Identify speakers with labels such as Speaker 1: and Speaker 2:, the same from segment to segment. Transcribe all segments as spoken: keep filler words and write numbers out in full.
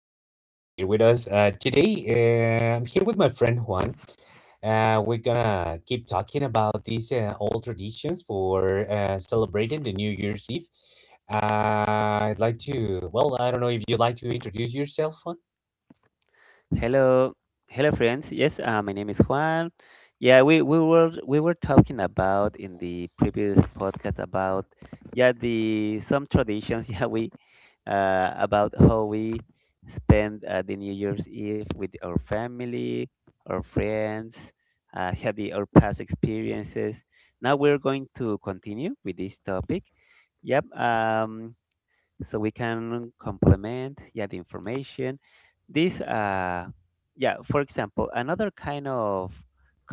Speaker 1: thank you for being here with us. Uh, today, uh, I'm here with my friend Juan. Uh, we're gonna keep talking about these uh, old traditions for uh, celebrating the New Year's Eve. Uh, I'd like to, well, I don't know if you'd like to introduce yourself, Juan.
Speaker 2: Hello, hello friends. Yes, uh, my name is Juan. Yeah, we, we were we were talking about in the previous podcast about yeah the some traditions. Yeah, we uh, about how we spend uh, the New Year's Eve with our family, our friends, uh, yeah, the, our past experiences. Now we're going to continue with this topic. Yep. Um, so we can complement yeah the information. This uh yeah, for example, another kind of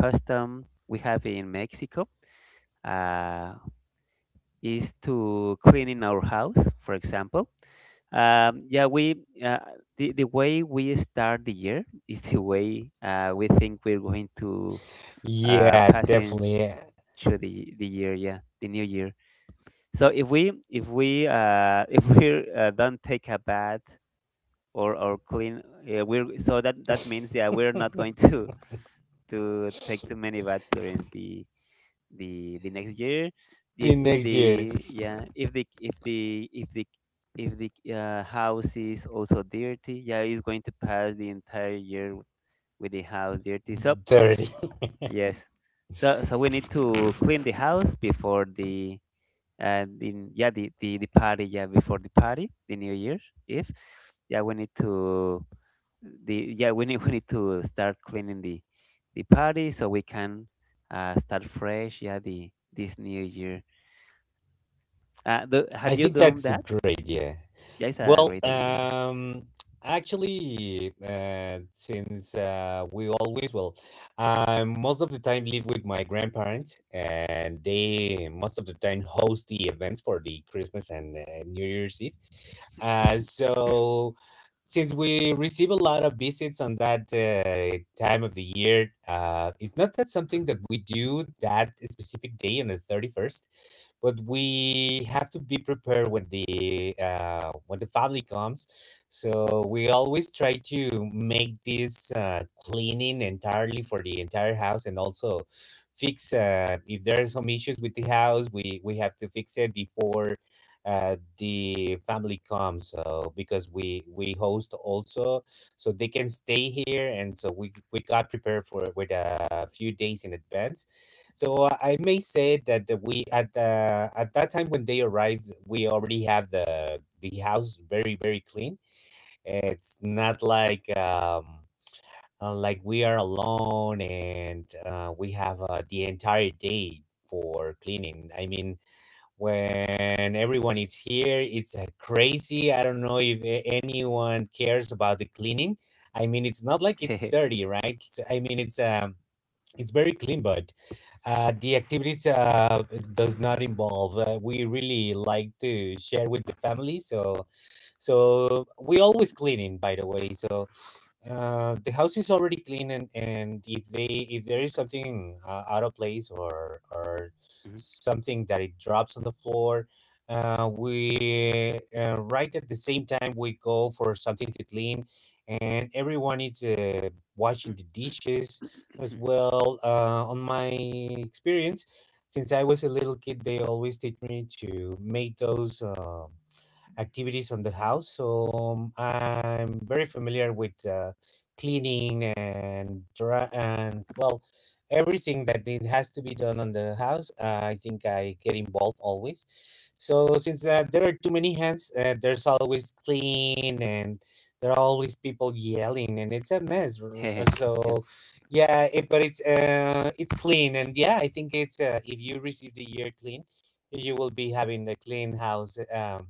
Speaker 2: custom we have in Mexico, uh, is to cleaning our house, for example. Um, yeah, we uh, the the way we start the year is the way uh, we think we're going to uh,
Speaker 1: Yeah,
Speaker 2: pass in
Speaker 1: definitely.
Speaker 2: through the the year, yeah, the new year. So if we if we uh, if we uh, don't take a bath or or clean, uh, we're so that that means yeah we're not going to to take too many baths during the the the next year
Speaker 1: The
Speaker 2: if if
Speaker 1: next year,
Speaker 2: the yeah if the if the if the if the uh, house is also dirty, yeah, it's going to pass the entire year with the house dirty. So
Speaker 1: thirty.
Speaker 2: yes, so so we need to clean the house before the uh, the yeah the, the the party, yeah, before the party, the new year. If yeah we need to the yeah we need we need to start cleaning the the party so we can uh, start fresh, yeah, the this new year. Uh, do, have
Speaker 1: I
Speaker 2: you
Speaker 1: think
Speaker 2: done
Speaker 1: that's a
Speaker 2: that?
Speaker 1: great, yeah.
Speaker 2: Yeah, it's a
Speaker 1: Well,
Speaker 2: great idea.
Speaker 1: um, actually, uh, since uh, we always, well, I most of the time live with my grandparents, and they most of the time host the events for the Christmas and uh, New Year's Eve. Uh, so since we receive a lot of visits on that uh, time of the year, uh, it's not that something that we do that specific day on the thirty-first, but we have to be prepared when the uh, when the family comes. So we always try to make this uh, cleaning entirely for the entire house, and also fix uh, if there are some issues with the house. We we have to fix it before uh, the family comes, so because we we host also, so they can stay here, and so we we got prepared for it with a few days in advance. So i may say that the- we at the at that time when they arrived, we already have the the house very very clean. It's not like um uh, like we are alone and uh, we have uh, the entire day for cleaning. I mean, when everyone is here, it's uh, crazy. I don't know if a- anyone cares about the cleaning. I mean, it's not like
Speaker 2: Yes.
Speaker 1: it's dirty, right? It's- i mean, it's um it's very clean, but uh the activities uh it does not involve, uh, we really like to share with the family. So so we always cleaning, by the way. So uh, the house is already clean. And and if they if there is something uh, out of place, or or
Speaker 2: Mhm.
Speaker 1: something that it drops on the floor, uh, we uh, right at the same time we go for something to clean. And everyone is uh, washing the dishes as well. Uh, on my experience, since I was a little kid, they always teach me to make those uh, activities on the house. So um, I'm very familiar with uh, cleaning and dry and, well, everything that it has to be done on the house. I think I get involved always. So since uh, there are too many hands, uh, there's always clean, and there are always people yelling, and it's a mess. r-
Speaker 2: Hehe. Yeah.
Speaker 1: So yeah, it, but it's uh it's clean. And yeah, I think it's uh, if you receive the year clean, you will be having the clean house. um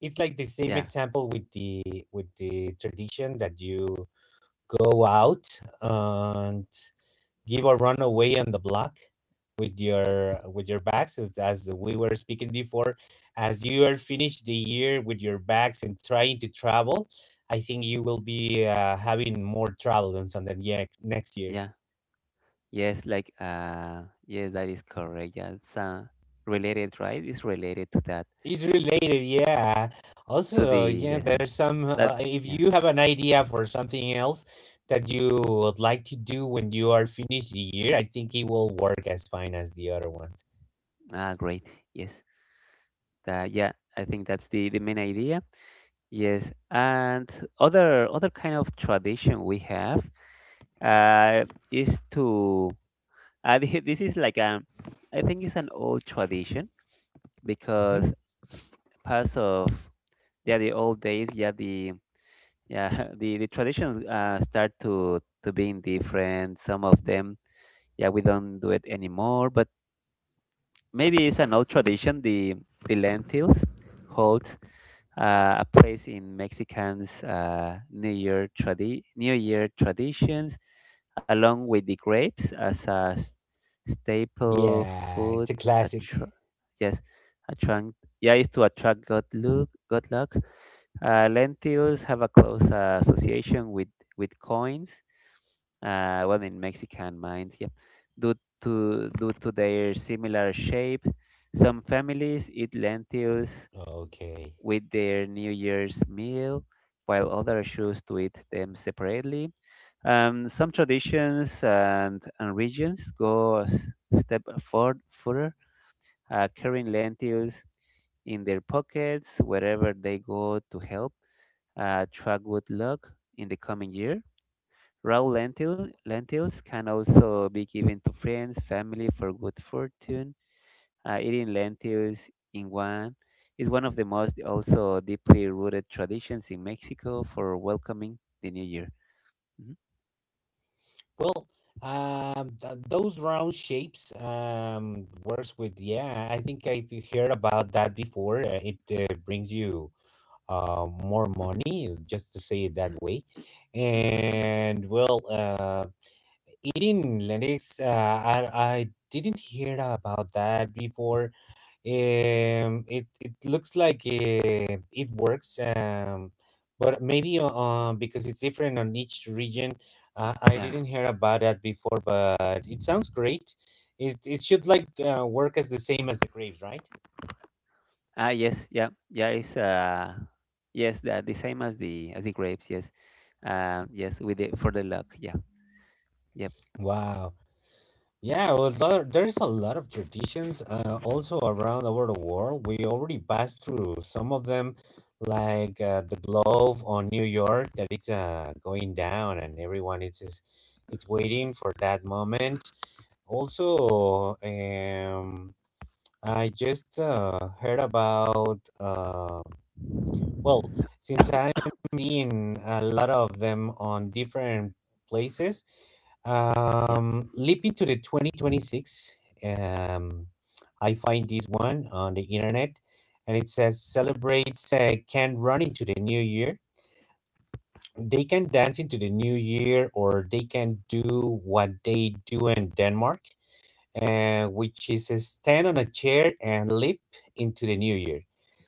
Speaker 1: It's like the same
Speaker 2: Yeah.
Speaker 1: example with the with the tradition that you go out and give a run away on the block with your with your bags, as as we were speaking before. As you are finished the year with your bags and trying to travel, I think you will be uh, having more travel than something, yeah, next year.
Speaker 2: Yeah. Yes. Like. Uh. Yes, that is correct. Yeah. It's uh, related, right? It's related to that.
Speaker 1: It's related, yeah.
Speaker 2: To
Speaker 1: Also,
Speaker 2: the
Speaker 1: yeah,
Speaker 2: yes.
Speaker 1: there's some.
Speaker 2: That.
Speaker 1: Uh, if
Speaker 2: Yeah.
Speaker 1: you have an idea for something else that you would like to do when you are finished the year, I think it will work as fine as the other ones.
Speaker 2: Ah, great. Yes. That. Yeah. I think that's the the main idea. Yes. And other other kind of tradition we have. Uh. Is to. Uh, this is like um. I think it's an old tradition
Speaker 1: Hmm.
Speaker 2: because parts of yeah the old days yeah the yeah the, the traditions uh, start to to being different, some of them. Yeah, we don't do it anymore, but maybe it's an old tradition. the the lentils hold uh, a place in mexicans uh, new year tradi- new year traditions, along with the grapes, as a staple
Speaker 1: Yeah,
Speaker 2: food
Speaker 1: it's a classic.
Speaker 2: attra- yes, attract, yeah, is to attract good luck. Good luck, uh, lentils have a close uh, association with with coins. Uh, well, in mexican mines, yeah, due to due to their similar shape, some families eat lentils
Speaker 1: Okay.
Speaker 2: with their new year's meal, while others choose to eat them separately. um, some traditions and, and regions go a s- step for, further, uh, carrying lentils in their pockets wherever they go, to help uh, track good luck in the coming year. Raw lentil, lentils can also be given to friends, family, for good fortune. Uh, eating lentils in one is one of the most also deeply rooted traditions in Mexico for welcoming the new year. Mhm.
Speaker 1: Well, um, th- those round shapes um works with, yeah. I think I've heard about that before. Uh, It uh, brings you uh, more money, just to say it that way. And, well, uh, eating Linux, uh, I, I didn't hear about that before. Um, it, it looks like uh, it works, um, but maybe uh, uh, because it's different on each region, uh, I
Speaker 2: Yeah.
Speaker 1: didn't hear about that before, but it sounds great. It, it should like uh, work as the same as the Graves, right?
Speaker 2: Ah, yes, yeah, yeah. It's uh, yes, the, the same as the as the grapes. Yes, uh, yes, with the for the luck. Yeah, yep,
Speaker 1: Wow. Yeah, well, there, there's a lot of traditions uh, also around over the world. We already passed through some of them, like uh, the Glove on New York, that it's uh, going down, and everyone is is it's waiting for that moment. Also, um, I just uh, heard about. Uh, well, since I'm seeing a lot of them on different places,
Speaker 2: yeah,
Speaker 1: um, leaping to the twenty twenty-six, um, I find this one on the internet, and it says celebrates uh, can run into the new year. They can dance into the new year, or they can do what they do in Denmark, uh, which is uh, stand on a chair and leap into the new year.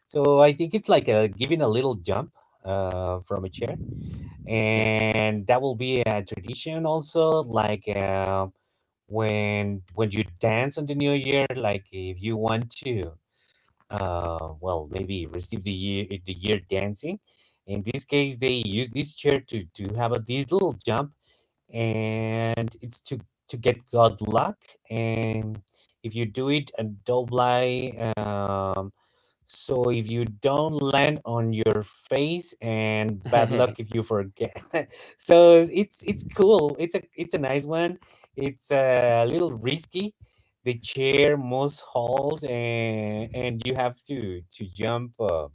Speaker 1: So I think it's like a, giving a little jump uh, from a chair.
Speaker 2: yeah.
Speaker 1: And that will be a tradition also, like uh, when when you dance on the new year, like if you want to, uh, well, maybe receive the year the year dancing. In this case, they use this chair to to have a, this little jump, and it's to to get good luck. And if you do it a double, um so if you don't land on your face and bad luck if you forget. so it's it's cool, it's a it's a nice one. It's a little risky. The chair must hold, and and you have to to jump uh,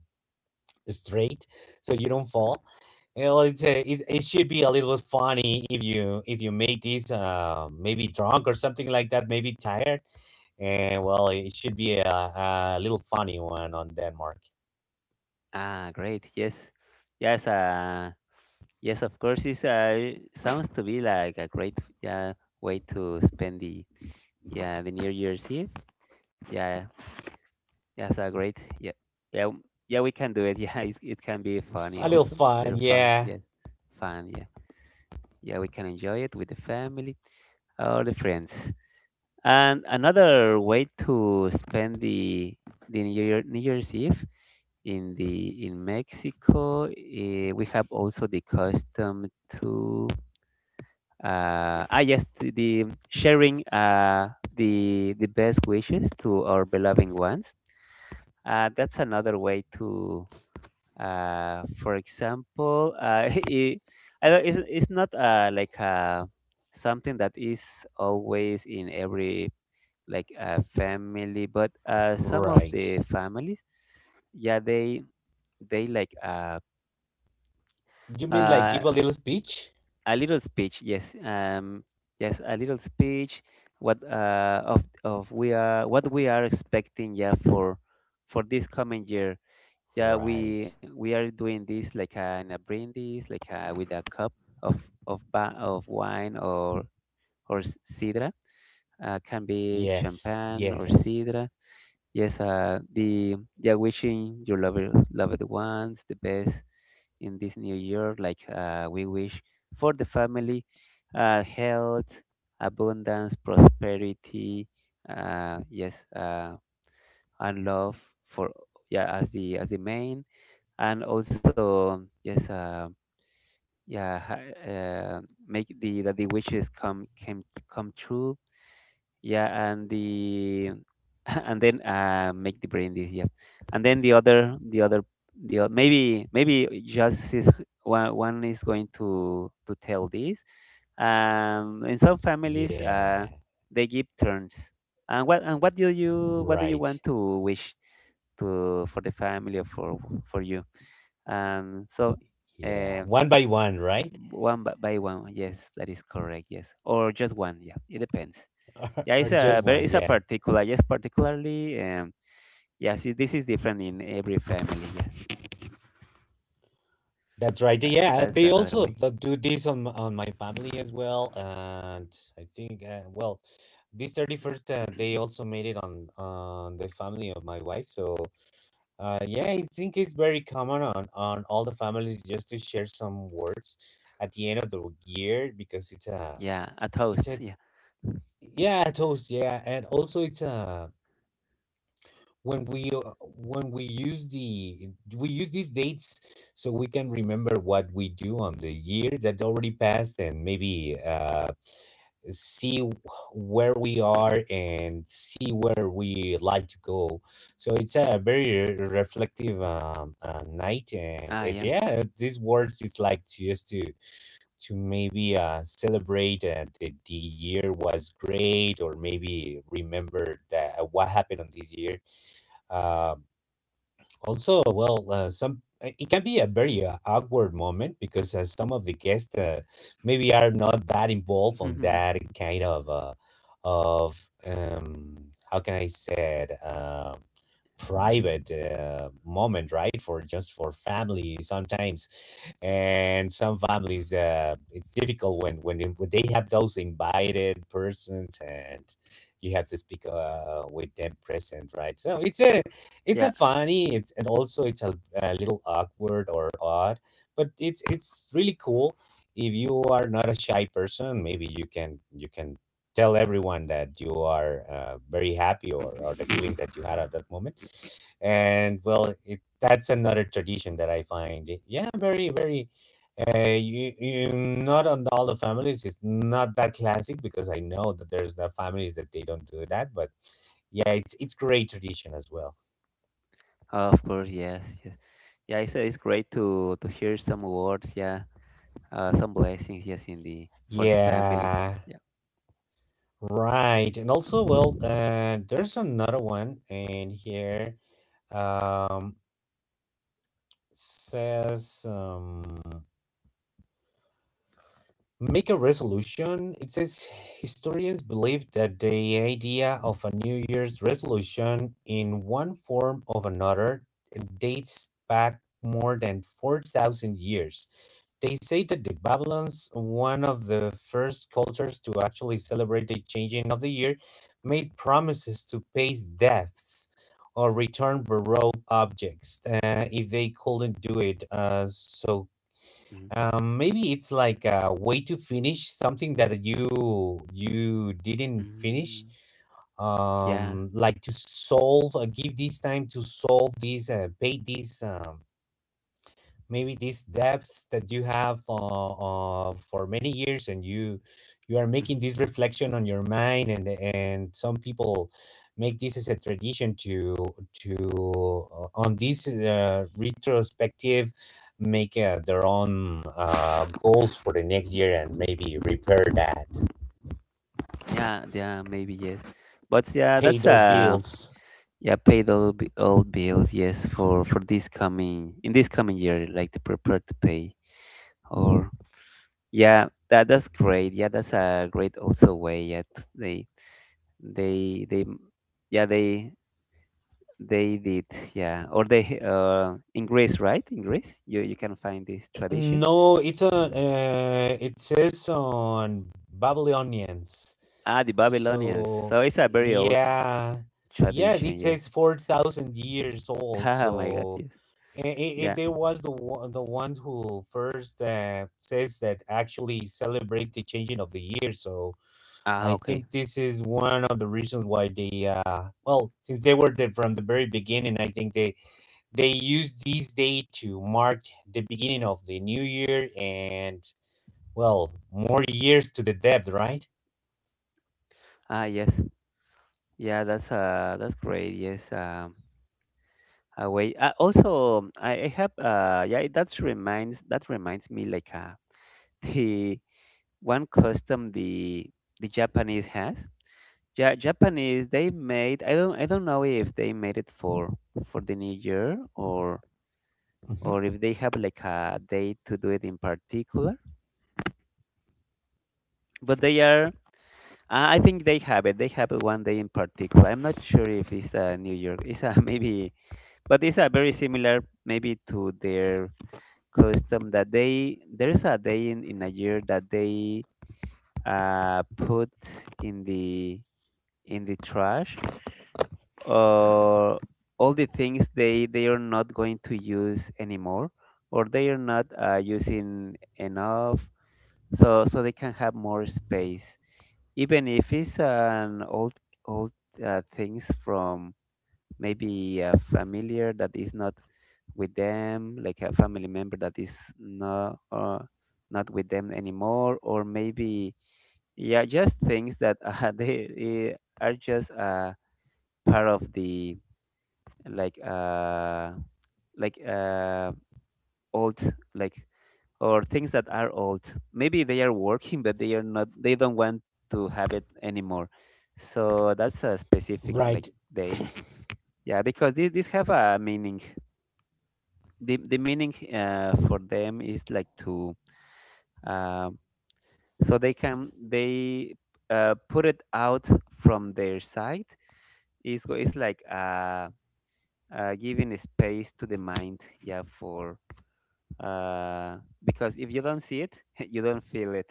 Speaker 1: straight, so you don't fall. Well, it's a it, it should be a little bit funny if you if you make this, uh, maybe drunk or something like that, maybe tired. And, well, it should be a, a little funny one on Denmark.
Speaker 2: Ah, great. Yes, yes. Uh, yes. Of course, it's uh, sounds to be like a great yeah way to spend the yeah the New Year's Eve. Yeah, that's a great yeah yeah w- yeah. We can do it. Yeah, it's, it can be
Speaker 1: F-
Speaker 2: funny
Speaker 1: A little
Speaker 2: also.
Speaker 1: fun,
Speaker 2: Little fun.
Speaker 1: yeah.
Speaker 2: Yes, fun. Yeah, yeah. We can enjoy it with the family or the friends. And another way to spend the the New Year, New Year's Eve in the in Mexico, eh, we have also the custom to uh, ah yes, the the sharing uh, the the best wishes to our beloved ones. Uh, that's another way to, uh, for example, uh, it, I don't- it's, it's not uh, like uh, something that is always in every like a family, but uh, some of
Speaker 1: Right.
Speaker 2: the families yeah they they like uh,
Speaker 1: You mean like
Speaker 2: uh,
Speaker 1: give a little speech?
Speaker 2: a little speech, yes. Um, yes, a little speech, what uh of of we are what we are expecting, yeah, for for this coming year. Yeah,
Speaker 1: Right.
Speaker 2: we we are doing this like uh, and uh, like uh, with a cup of of ba- of wine or or s- sidra. uh, can be
Speaker 1: Yes.
Speaker 2: champagne or
Speaker 1: Yes.
Speaker 2: sidra. Yes, uh, the yeah, wishing your loved loved ones the best in this new year. Like uh, we wish for the family, uh, health, abundance, prosperity. Uh, yes, uh, and love for yeah as the as the main, and also yes, uh, yeah, ha- uh, make the that the wishes come came come true, yeah. And the and then uh, make the brain this yeah and then the other the other the o- maybe maybe just is one one is going to to tell this. Um, in some families uh
Speaker 1: Yeah.
Speaker 2: they give turns. And what and what do you what do you
Speaker 1: Right.
Speaker 2: want to wish to for the family, or for for you. Um, so
Speaker 1: Yeah,
Speaker 2: uh
Speaker 1: one by one, right?
Speaker 2: one by by one, yes, that is correct. Yes, or just one. Yeah, it depends.
Speaker 1: Or,
Speaker 2: Yeah,
Speaker 1: or
Speaker 2: it's a
Speaker 1: just
Speaker 2: very
Speaker 1: one,
Speaker 2: it's a
Speaker 1: yeah.
Speaker 2: particular yes, particularly um yeah, it- this is different in every family. Yeah,
Speaker 1: That's right.
Speaker 2: that
Speaker 1: Yeah,
Speaker 2: that's
Speaker 1: they
Speaker 2: another
Speaker 1: also
Speaker 2: way.
Speaker 1: th- do this on m- on my family as well. And I think uh, well, this thirty-first uh, they also made it on on the family of my wife. So uh, yeah, I think it's very common on on all the families, just to share some words at the end of the year, because it's a
Speaker 2: Yeah, a toast.
Speaker 1: it's a
Speaker 2: Yeah.
Speaker 1: yeah toast yeah. And also it's a when we uh, when we use the we use these dates so we can remember what we do on the year that already passed, and maybe uh see where we are, and see where we like to go. So it's a very re- reflective um uh, night. and,
Speaker 2: Ah,
Speaker 1: and
Speaker 2: yeah.
Speaker 1: yeah, these words it's like, to just to to maybe uh celebrate, uh, that the year was great, or maybe remember that, uh, what happened on this year. Uh, also, well, uh, some uh, it can be a very uh, awkward moment, because uh, some of the guests uh, maybe are not that involved on that kind of uh, of um, how can I say it? Uh, private uh, moment, right, for just for family sometimes. And some families uh, it's difficult when when, they- when they have those invited persons, and you have to speak uh, with them present, right? So it's a it's
Speaker 2: Yeah.
Speaker 1: a funny it's, and also it's a, a little awkward or odd, but it's it's really cool. If you are not a shy person, maybe you can you can tell everyone that you are uh, very happy, or, or the feelings that you had at that moment. And, well, it, that's another tradition that I find, yeah, very very uh, you, you, not on all the families. It's not that classic, because I know that there's the families that they don't do that. But yeah, it's it's great tradition as well.
Speaker 2: Of course. Yes. Yes. Yeah. It's it's great to to hear some words. Yeah. Uh, some blessings. Yes, in the for the family.
Speaker 1: Yeah,
Speaker 2: Yeah.
Speaker 1: right. And also, well, uh, there's another one in here. Um says um Make a resolution. It says historians believe that the idea of a New Year's resolution in one form or another dates back more than four thousand years. They say that the Babylons, one of the first cultures to actually celebrate the changing of the year, made promises to pay debts or return borrowed objects uh, if they couldn't do it. Uh, so
Speaker 2: Hmm.
Speaker 1: um maybe it's like a way to finish something that you you didn't finish.
Speaker 2: Hmm. Yeah.
Speaker 1: Um like to solve, uh, give this time to solve this, uh, pay this. Um maybe these debts that you have uh, uh, for many years, and you you are making
Speaker 2: Hmm.
Speaker 1: this reflection on your mind. and and some people make this as a tradition to to uh, on this uh, retrospective, make uh, their own uh, goals for the next year, and maybe repair that,
Speaker 2: Yeah. Yeah. Maybe yes. But yeah,
Speaker 1: pay
Speaker 2: that's
Speaker 1: those
Speaker 2: a
Speaker 1: bills.
Speaker 2: yeah, paid all b- all bills, yes, for for this coming in this coming year, like the prepare to pay or yeah, that that's great. Yeah, that's a great also way. Yeah, t- they they they m- yeah they they did. Yeah, or they uh in Greece, right, in Greece you you can find this tradition.
Speaker 1: No, it's a uh, it says on Babylonians.
Speaker 2: Ah, the Babylonians,
Speaker 1: So
Speaker 2: so it's a very old
Speaker 1: yeah, yeah, it
Speaker 2: tradition, yes.
Speaker 1: says four thousand years old.
Speaker 2: Oh my God, yes,
Speaker 1: So it, it,
Speaker 2: yeah.
Speaker 1: there was the one, the ones who first uh, says that actually celebrate the changing of the year. So
Speaker 2: Ah,
Speaker 1: I think
Speaker 2: okay.
Speaker 1: this is one of the reasons why they uh well, since they were there from the very beginning, I think they they used this day to mark the beginning of the new year and, well, more years to the depth, right?
Speaker 2: Ah, yes, yeah, that's uh that's great, yes. Um, away. Uh, also, I, I have uh yeah, that's reminds that reminds me like uh the one custom the the Japanese has. Ja Japanese, they made, I don't I don't know if they made it for for the new year, or
Speaker 1: Hmm.
Speaker 2: or if they have like a day to do it in particular. But they are uh, I think they have it. They have it one day in particular. I'm not sure if it's uh, New York. It's uh, maybe, but it's uh, very similar maybe to their custom, that they there is a day in, in a year that they uh, put in the in the trash, or all the things they they are not going to use anymore, or they are not uh, using enough, so so they can have more space, even if it's an old old uh, things from maybe a familiar that is not with them, like a family member that is not uh, not with them anymore, or maybe yeah, just things that uh, they uh, are just uh, part of the like uh, like uh, old like, or things that are old. Maybe they are working, but they are not. They don't want to have it anymore. So that's a specific
Speaker 1: Right.
Speaker 2: like day. Yeah, because these, these have a meaning. The the meaning uh, for them is like to um, so they can they uh, put it out from their side. It's, go- it's like uh, uh, giving space to the mind, yeah, for uh, because if you don't see it, you don't feel it.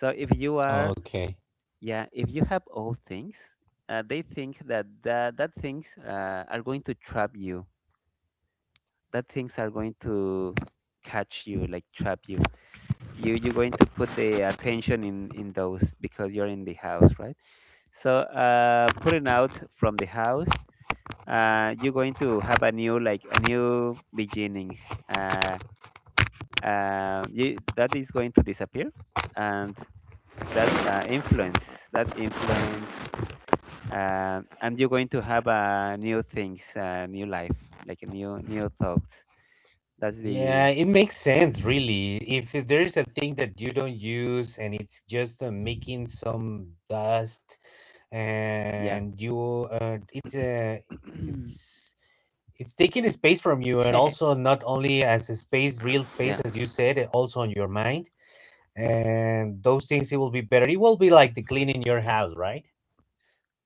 Speaker 2: So if you are,
Speaker 1: Okay.
Speaker 2: yeah, if you have all things, uh, they think that that, that things uh, are going to trap you. That things are going to catch you, like trap you. You you're going to put the attention in in those, because you're in the house, right? So uh, putting out from the house, uh, you're going to have a new like a new beginning. Uh, uh, you, that is going to disappear, and that uh, influence, that influence, uh, and you're going to have uh, new things, uh, new life, like a new new thoughts. That's the
Speaker 1: Yeah, it makes sense, really. If it- There's a thing that you don't use and it's just uh, making some dust,
Speaker 2: yeah,
Speaker 1: and you, uh, it's a, it's, it's taking a space from you, and also not only as a space, real
Speaker 2: yeah,
Speaker 1: space, as you said, uh, also on your mind. And those things, it will be better. It will be like the cleaning your house, right?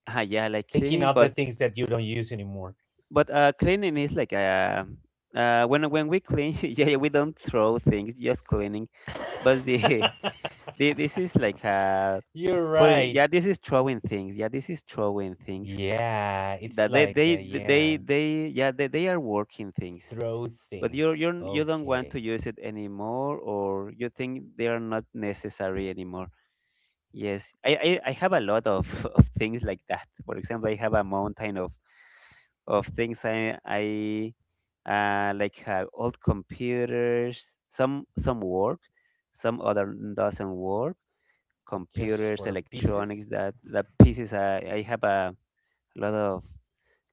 Speaker 2: ah, yeah, like
Speaker 1: Taking
Speaker 2: cleaning,
Speaker 1: off the
Speaker 2: but
Speaker 1: things that you don't use anymore.
Speaker 2: But uh, cleaning is like uh, uh, when when we clean, yeah, yeah, we don't throw things, just cleaning. But the, the this is like uh,
Speaker 1: You're
Speaker 2: put it,
Speaker 1: right.
Speaker 2: yeah, this is throwing things. Yeah, this is throwing things
Speaker 1: Yeah, it's
Speaker 2: that they
Speaker 1: like
Speaker 2: they
Speaker 1: uh, yeah,
Speaker 2: they they yeah they, they are working things.
Speaker 1: throw
Speaker 2: But you're
Speaker 1: things.
Speaker 2: you're you don't want
Speaker 1: Okay,
Speaker 2: to use it anymore, or you think they are not necessary anymore. Yes, I I, I have a lot of, of things like that. For example, I have a mountain of of things I I uh, like uh, old computers. Some some work, some other doesn't work.
Speaker 1: just
Speaker 2: Computers,
Speaker 1: for pieces.
Speaker 2: electronics, that that pieces. I I have a lot of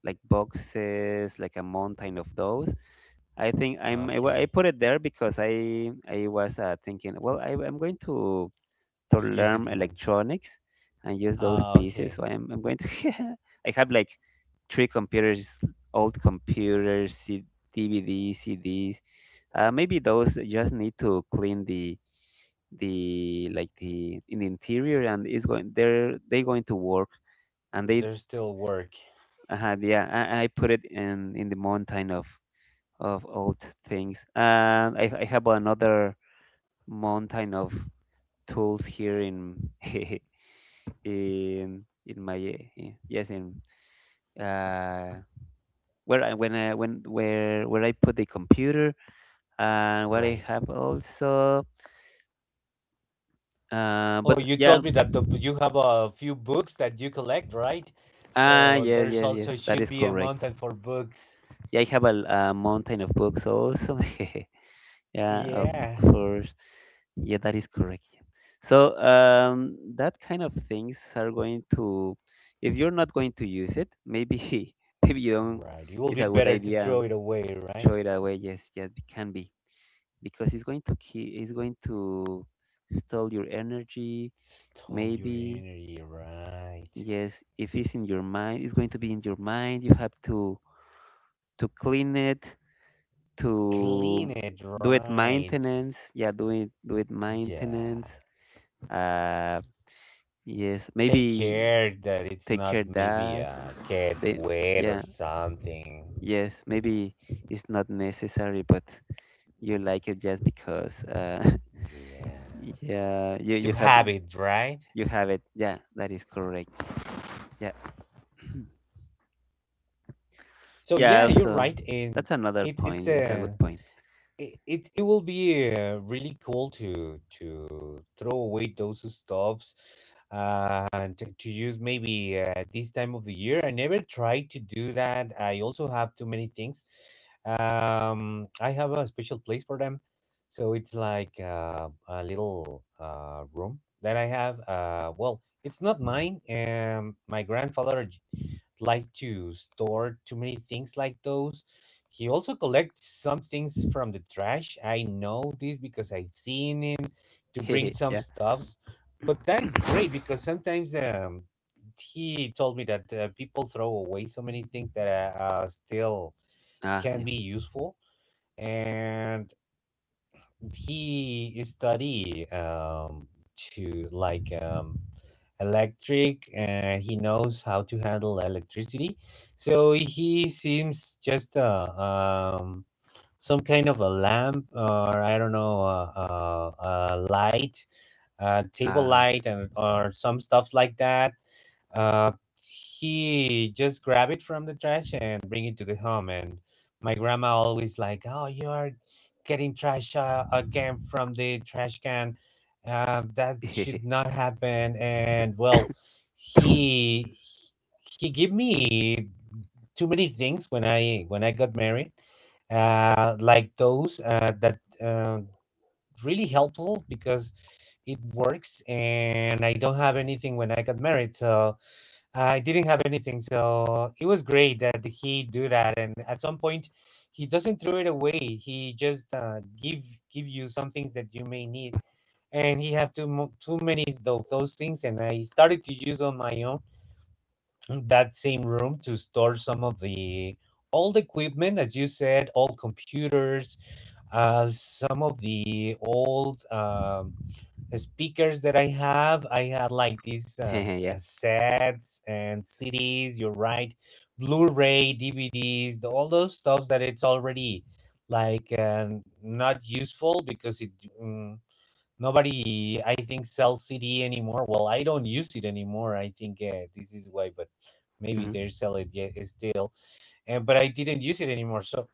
Speaker 2: like boxes, like a mountain of those. I think I'm I, wa-
Speaker 1: Okay,
Speaker 2: I put it there because I I was uh, thinking, well, I, I'm going to to
Speaker 1: use it
Speaker 2: learn
Speaker 1: once.
Speaker 2: electronics and use those
Speaker 1: Ah,
Speaker 2: pieces.
Speaker 1: okay.
Speaker 2: So I'm I'm going to. I have like three computers, old computers, C- D V Ds, C Ds. Uh, maybe those just need to clean the the like the in the interior, and it's going they're they going to work, and they
Speaker 1: There's still work,
Speaker 2: uh, yeah, I, I put it in in the mountain of of old things, and I I have another mountain of tools here in in in my eh, yes in uh where I when I when where where I put the computer and what I
Speaker 1: right?
Speaker 2: have also. Uh,
Speaker 1: Oh,
Speaker 2: but
Speaker 1: you
Speaker 2: yeah,
Speaker 1: told me that the, you have a few books that you collect, right?
Speaker 2: ah,
Speaker 1: So
Speaker 2: yes,
Speaker 1: there's
Speaker 2: yes, yes,
Speaker 1: also
Speaker 2: that
Speaker 1: should
Speaker 2: is
Speaker 1: be a
Speaker 2: correct.
Speaker 1: mountain for books.
Speaker 2: Yeah, I have a, l- a mountain of books also. Yeah, of
Speaker 1: Yeah,
Speaker 2: course. Yeah, that is correct. So um, that kind of things are going to, if you're not going to use it, maybe maybe you don't.
Speaker 1: right. It will
Speaker 2: It's
Speaker 1: be
Speaker 2: a good
Speaker 1: better to
Speaker 2: idea.
Speaker 1: throw it away,
Speaker 2: Throw
Speaker 1: right?
Speaker 2: it away. Yes, yes, it can be because it's going to keep. It's going to stall your energy.
Speaker 1: Stole your
Speaker 2: Maybe.
Speaker 1: energy, right?
Speaker 2: Yes, if it's in your mind, it's going to be in your mind. You have to to clean it,
Speaker 1: Clean
Speaker 2: to
Speaker 1: it,
Speaker 2: do it
Speaker 1: right?
Speaker 2: maintenance. Yeah, do it do it
Speaker 1: Yeah.
Speaker 2: maintenance. Uh, yes,
Speaker 1: Take
Speaker 2: maybe
Speaker 1: care that it's
Speaker 2: take
Speaker 1: not
Speaker 2: care
Speaker 1: maybe
Speaker 2: that.
Speaker 1: a get
Speaker 2: They,
Speaker 1: wet or
Speaker 2: yeah,
Speaker 1: something.
Speaker 2: yes, maybe it's not necessary, but you like it just because. Uh,
Speaker 1: Yeah.
Speaker 2: yeah, you
Speaker 1: To
Speaker 2: you have
Speaker 1: have it, right?
Speaker 2: you have it. Yeah, that is correct. Yeah,
Speaker 1: So
Speaker 2: yeah.
Speaker 1: yeah, you're
Speaker 2: Also,
Speaker 1: right. And
Speaker 2: that's another
Speaker 1: it, it's
Speaker 2: point. Yes, a
Speaker 1: a
Speaker 2: good point.
Speaker 1: it, it it will be uh, really cool to to throw away those stuffs and to, to use maybe uh, this time of the year. I never tried to do that. I also have too many things. Um, I have a special place for them, so it's like uh, a little uh, room that I have. Uh, well, it's not mine. Um, my grandfather like to store too many things like those. He also collects some things from the trash. I know this because I've seen him to bring some
Speaker 2: Yeah.
Speaker 1: stuffs. But that is great because sometimes um, he told me that uh, people throw away so many things that uh, uh, still
Speaker 2: Ah,
Speaker 1: can
Speaker 2: yeah.
Speaker 1: be useful. And he study um, to, like, um, electric, and he knows how to handle electricity. So he seems just a, um, some kind of a lamp, or I don't know, a, a, a light, a table
Speaker 2: Ah, okay.
Speaker 1: light, and or some stuffs like that. Uh, he just grab it from the trash and bring it to the home. And my grandma always like, "Oh, you are getting trash uh, again from the trash can. Uh, that should not happen." And, well, he he give me too many things when I when I got married, uh, like those uh, that uh, really helpful because it works and I don't have anything when I got married. So I didn't have anything, so it was great that he do that. And at some point, he doesn't throw it away. He just uh, give give you some things that you may need, and he have too mo- too many of those things. And I started to use on my own that same room to store some of the old equipment, as you said, old computers, uh, some of the old, um speakers that I have. I had like these, um,
Speaker 2: Hehe, yeah.
Speaker 1: cassettes and C Ds, you're right, Blu-ray, D V Ds, the, all those stuffs that it's already like, um, not useful because it mm, nobody, I think, sells C D anymore. Well, I don't use it anymore. I think, uh, this is why, but maybe they
Speaker 2: Hmm.
Speaker 1: sell it yet still, uh, but I didn't use it anymore. So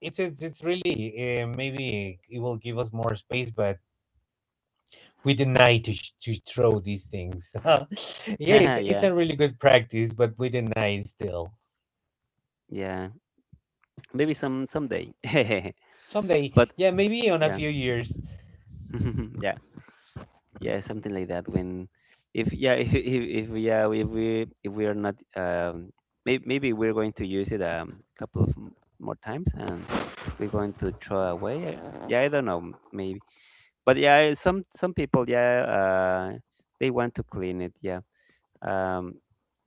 Speaker 1: it's it's, it's really, uh, maybe it will give us more space, but we deny to sh- to throw these things. Yeah, it's it's
Speaker 2: Yeah.
Speaker 1: a really good practice, but we deny it still.
Speaker 2: Yeah. Maybe some someday.
Speaker 1: Someday,
Speaker 2: But
Speaker 1: yeah, maybe on a
Speaker 2: yeah.
Speaker 1: few years.
Speaker 2: Yeah. Yeah, something like that. When, if yeah, if if, if yeah, if we if we are not um, maybe maybe we're going to use it a couple of m- more times and we're going to throw away. uh, Yeah, I don't know, maybe. But yeah, some some people yeah, uh, they want to clean it. Yeah. Um,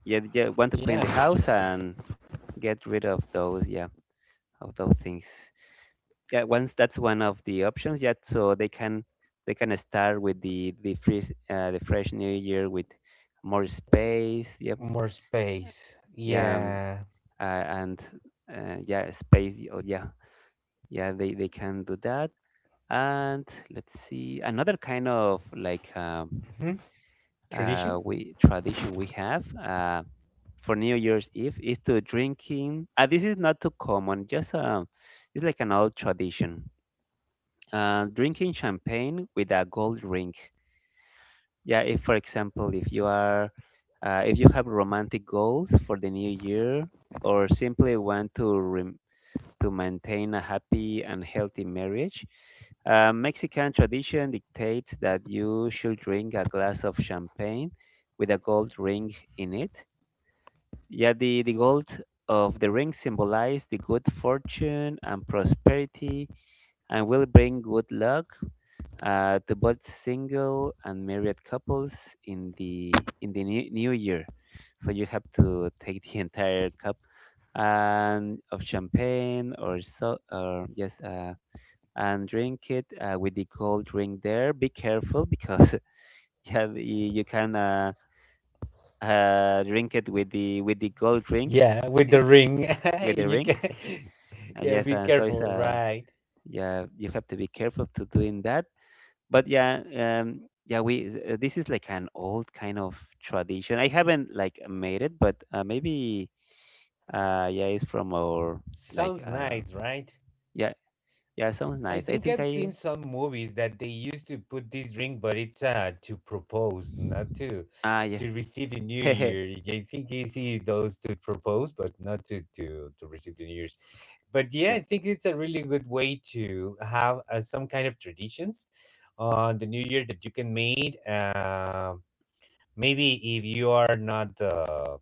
Speaker 2: yeah, yeah, want to
Speaker 1: Yeah,
Speaker 2: clean the house and get rid of those, yeah, of those things. Yeah, once that's one of the options. Yeah, so they can they can start with the the fresh uh, the fresh new year with more space. Yep,
Speaker 1: more space.
Speaker 2: yeah, um,
Speaker 1: Yeah.
Speaker 2: uh, and uh, yeah, space. Oh, yeah, yeah, they they can do that. And let's see another kind of like um,
Speaker 1: Mhm. Tradition.
Speaker 2: uh, we tradition we have. Uh, for New Year's Eve is to drinking. Uh, this is not too common. Just um, it's like an old tradition. Uh, drinking champagne with a gold ring. Yeah, if for example, if you are, uh, if you have romantic goals for the new year, or simply want to rem- to maintain a happy and healthy marriage, uh, Mexican tradition dictates that you should drink a glass of champagne with a gold ring in it. Yeah, the, the gold of the ring symbolizes the good fortune and prosperity and will bring good luck uh, to both single and married couples in the in the new, new year. So you have to take the entire cup and of champagne or so or yes uh, and drink it uh, with the gold ring there. Be careful because yeah the- you can uh, uh, drink it with the with the gold ring
Speaker 1: Yeah, with the ring,
Speaker 2: with the
Speaker 1: you
Speaker 2: ring.
Speaker 1: can.
Speaker 2: Uh,
Speaker 1: Yeah,
Speaker 2: yes,
Speaker 1: be
Speaker 2: and so it's
Speaker 1: careful,
Speaker 2: uh,
Speaker 1: right?
Speaker 2: yeah, you have to be careful to doing that. But yeah, um, yeah, we uh, this is like an old kind of tradition. I haven't like made it, but uh, maybe uh, yeah, it's from our like
Speaker 1: Sounds
Speaker 2: uh,
Speaker 1: nice, right?
Speaker 2: yeah, yeah, sounds
Speaker 1: I
Speaker 2: nice. I
Speaker 1: think
Speaker 2: think
Speaker 1: I've seen
Speaker 2: I
Speaker 1: some movies that they used to put this ring, but it's uh to propose, not to
Speaker 2: ah yeah,
Speaker 1: to receive the New
Speaker 2: hehe,
Speaker 1: Year. I think you see those to propose, but not to to to receive the New Year's. But yeah,
Speaker 2: yeah,
Speaker 1: I think it's a really good way to have uh, some kind of traditions on the New Year that you can made. Uh, maybe if you are not, uh,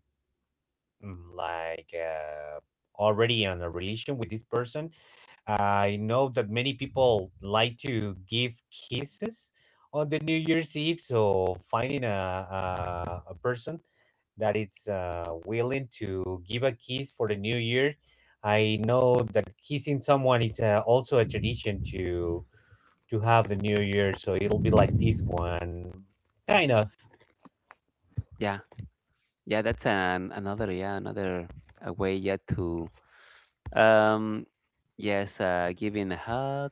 Speaker 1: mm, like, uh, already in a relation with this person. I know that many people like to give kisses on the New Year's Eve, so finding a, a, a person that it's, uh, willing to give a kiss for the New Year. I know that kissing someone it's, uh, also a tradition to to have the New Year, so it'll be like this one, kind of
Speaker 2: yeah, yeah. That's an another yeah another uh way yeah to um yes uh giving a hug,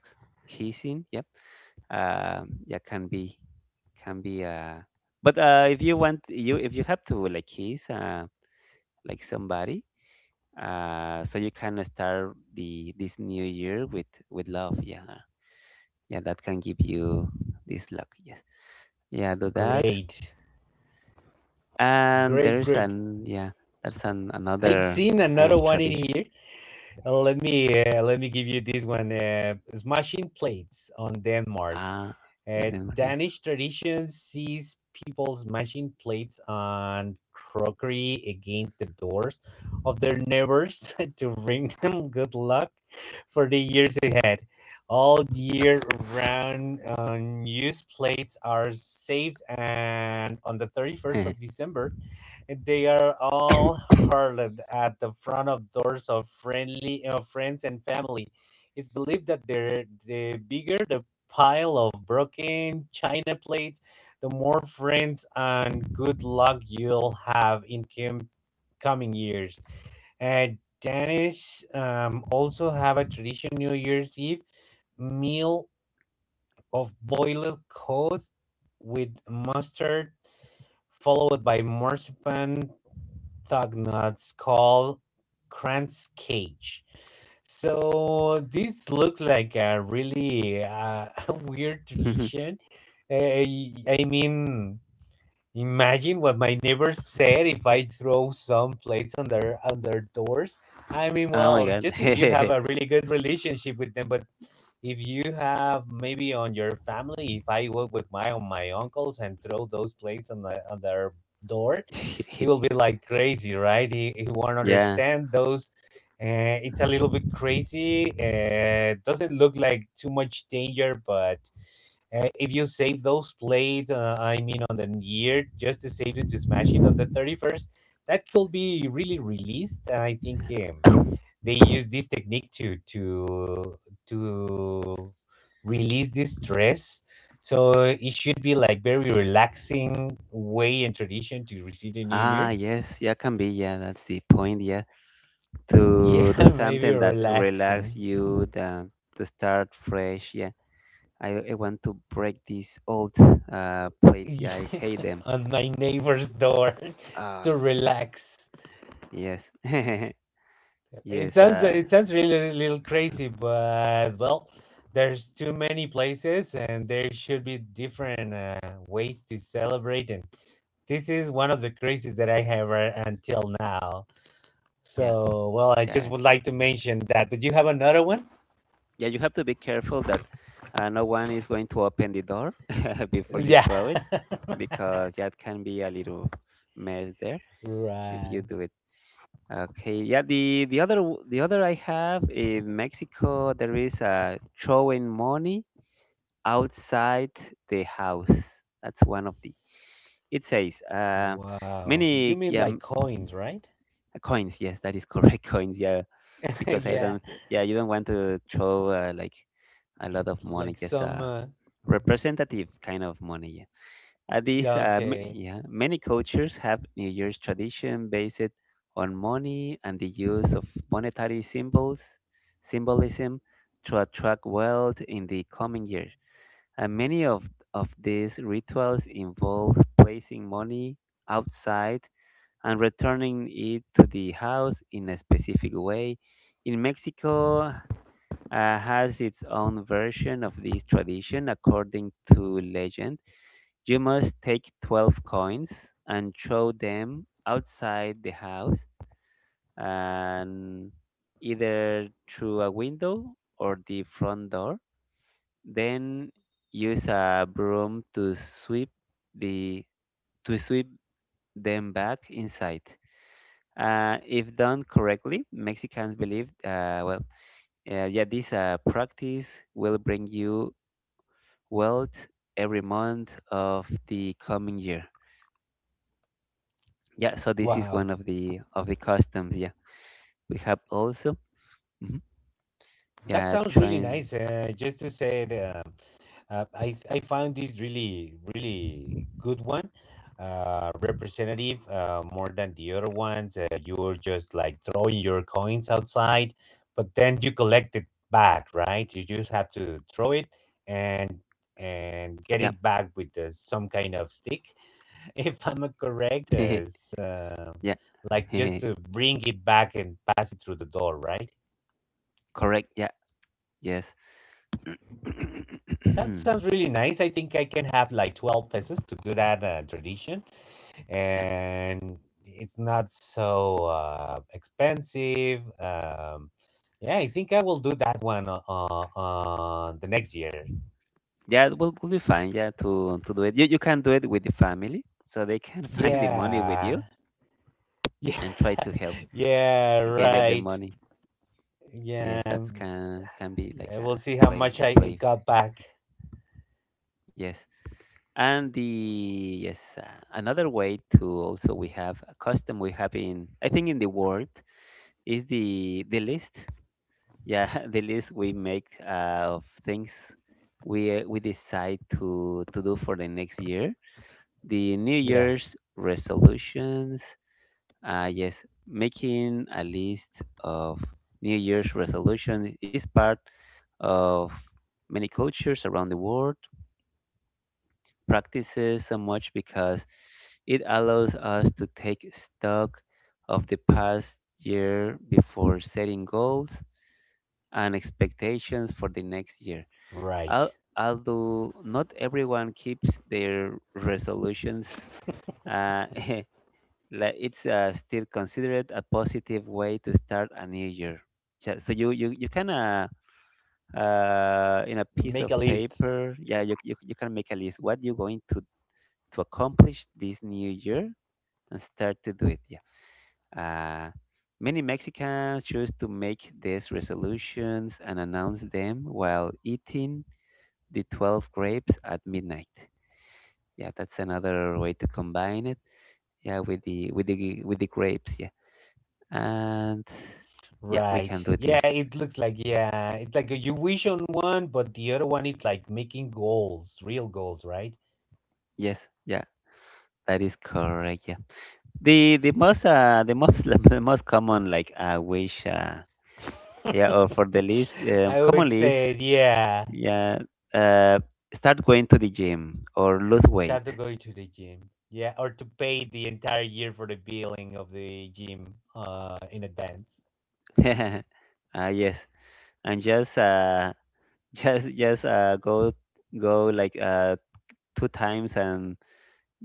Speaker 2: kissing, yep, uh, yeah, can be. Can be uh but uh if you want you if you have to like kiss uh like somebody uh so you can start the this new year with with love yeah yeah that can give you this luck yes yeah do that
Speaker 1: great,
Speaker 2: and
Speaker 1: great,
Speaker 2: there's
Speaker 1: great.
Speaker 2: an yeah that's an
Speaker 1: I've
Speaker 2: another
Speaker 1: seen
Speaker 2: kind of
Speaker 1: another one in
Speaker 2: tradition.
Speaker 1: here. Uh, Let me uh, let me give you this one. Uh, smashing plates on Denmark.
Speaker 2: Ah, and
Speaker 1: Uh,
Speaker 2: then yeah
Speaker 1: Danish tradition sees people smashing plates and crockery against the doors of their neighbors to bring them good luck for the years ahead. All year round, unused plates are saved, and on the thirty-first of December, they are all hurled at the front of doors of friendly of friends and family. It's believed that, they're, the bigger the pile of broken china plates, the more friends and good luck you'll have in com- coming years. And Danish, um, also have a tradition New Year's Eve meal of boiled cod with mustard, followed by marzipan Thugnuts called Cran's Cage. So this looks like a really, uh, weird tradition. Uh, I mean, imagine what my neighbors said if I throw some plates on their on their doors. I mean,
Speaker 2: oh my
Speaker 1: well,
Speaker 2: god.
Speaker 1: just if you have a really good relationship with them, but if you have maybe on your family, if I walk with my on my uncles and throw those plates on the on their door, he will be like crazy, right? He he won't
Speaker 2: Yeah.
Speaker 1: understand those uh, It's a little bit crazy. Uh, doesn't look like too much danger, but uh, if you save those plates, uh, I mean, on the year, just to save them to smash it on the thirty-first, that could be really released. And I think, um, they use this technique to to to release this stress. So it should be like very relaxing way and tradition to receive the new year.
Speaker 2: Ah yes yeah can be yeah that's the point. Yeah, to do
Speaker 1: Yeah, maybe
Speaker 2: something that
Speaker 1: relaxing.
Speaker 2: relax you than to start fresh. Yeah, I, I want to break these old uh, plates. Yeah, I hate them.
Speaker 1: on my neighbor's door
Speaker 2: Uh,
Speaker 1: to relax.
Speaker 2: yes,
Speaker 1: It
Speaker 2: yes.
Speaker 1: sounds
Speaker 2: Uh,
Speaker 1: it sounds really a little crazy, but, well, there's too many places, and there should be different, uh, ways to celebrate. And this is one of the crazies that I have, uh, until now.
Speaker 2: yeah,
Speaker 1: So, well, I just
Speaker 2: yeah,
Speaker 1: would like to mention that. But you have another one?
Speaker 2: yeah. You have to be careful that uh, no one is going to open the door before you
Speaker 1: Yeah.
Speaker 2: throw it because that can be a little mess there if you
Speaker 1: Right.
Speaker 2: do it. Okay, yeah. The the other w- the other I have in Mexico there is a throwing money outside the house. That's one of the. It says uh,
Speaker 1: Wow. You
Speaker 2: many
Speaker 1: mean
Speaker 2: yeah m-
Speaker 1: like coins, right?
Speaker 2: coins. Yes, that is correct. Coins. Yeah, because I
Speaker 1: Yeah.
Speaker 2: don't. Yeah, you don't want to throw uh, like a lot of money.
Speaker 1: Like
Speaker 2: Just
Speaker 1: some.
Speaker 2: uh,
Speaker 1: Uh,
Speaker 2: representative kind of money. Yeah. Uh, these
Speaker 1: yeah,
Speaker 2: uh, m-
Speaker 1: okay.
Speaker 2: yeah many cultures have New Year's tradition based on money and the use of monetary symbols symbolism to attract wealth in the coming year. And many of, of these rituals involve placing money outside and returning it to the house in a specific way. In Mexico, uh, has its own version of this tradition. According to legend, you must take twelve coins and throw them outside the house and either through a window or the front door then use a broom to sweep the to sweep them back inside. Uh, if done correctly, Mexicans believe, uh, well, uh, yeah, this uh, practice will bring you wealth every month of the coming year. Yeah, so this is
Speaker 1: Wow,
Speaker 2: one of the of the customs. Yeah, we have also, mhm,
Speaker 1: that
Speaker 2: yeah,
Speaker 1: sounds really
Speaker 2: trying,
Speaker 1: nice. Uh, just to say, it, uh, uh, I I found this really really good one, uh, representative uh, more than the other ones. Uh, you're just like throwing your coins outside, but then you collect it back, right? You just have to throw it and and get
Speaker 2: yeah,
Speaker 1: it back with, uh, some kind of stick, if I'm correct. Uh, s- uh,
Speaker 2: yeah,
Speaker 1: like just to bring it back and pass it through the door, right?
Speaker 2: correct. Yeah, yes,
Speaker 1: That sounds really nice. I think I can have like twelve pesos to do that, uh, tradition.
Speaker 2: Yeah.
Speaker 1: And it's not so, uh, expensive. Um, yeah, I think I will do that one uh, uh, uh, the next year.
Speaker 2: Yeah, we'll, will will be fine. Yeah, to to do it, you you can do it with the family, so they can find the money with
Speaker 1: Yeah.
Speaker 2: you
Speaker 1: Yeah.
Speaker 2: and try to help
Speaker 1: Yeah,
Speaker 2: gather the
Speaker 1: right.
Speaker 2: money. Yes,
Speaker 1: Yeah.
Speaker 2: that can can be like
Speaker 1: I
Speaker 2: a
Speaker 1: will see how
Speaker 2: play,
Speaker 1: much
Speaker 2: a
Speaker 1: I
Speaker 2: play.
Speaker 1: it got back.
Speaker 2: Yes, and the yes uh, another way to also we have a custom we have in I think in the world is the the list. Yeah, the list we make uh, of things we uh, we decide to to do for the next year. The New
Speaker 1: Yeah,
Speaker 2: Year's resolutions. Uh, yes, making a list of New Year's resolution is part of many cultures around the world practices so much because it allows us to take stock of the past year before setting goals and expectations for the next year.
Speaker 1: right.
Speaker 2: Al- Although not everyone keeps their resolutions, uh, like it's uh, still considered a positive way to start a new year. Yeah, so you you, you can uh, uh, in a piece
Speaker 1: Make
Speaker 2: of
Speaker 1: a list.
Speaker 2: paper, yeah, you, you you can make a list what you're going to to accomplish this new year and start to do it. Yeah. Uh, many Mexicans choose to make these resolutions and announce them while eating the twelve grapes at midnight. Yeah, that's another way to combine it. Yeah, with the with the with the grapes. Yeah and yeah, we
Speaker 1: Right.
Speaker 2: can do this.
Speaker 1: Yeah, it looks like, yeah, it's like a, you wish on one, but the other one is like making goals, real goals, right?
Speaker 2: Yes, yeah, that is correct. Yeah, the the most uh the most the most common like I wish uh yeah or for the least uh,
Speaker 1: I always
Speaker 2: common list
Speaker 1: said, yeah,
Speaker 2: yeah uh start going to the gym or lose weight.
Speaker 1: start to going to the gym. Yeah, or to pay the entire year for the billing of the gym uh in advance.
Speaker 2: uh yes, and just uh just just uh go go like uh two times and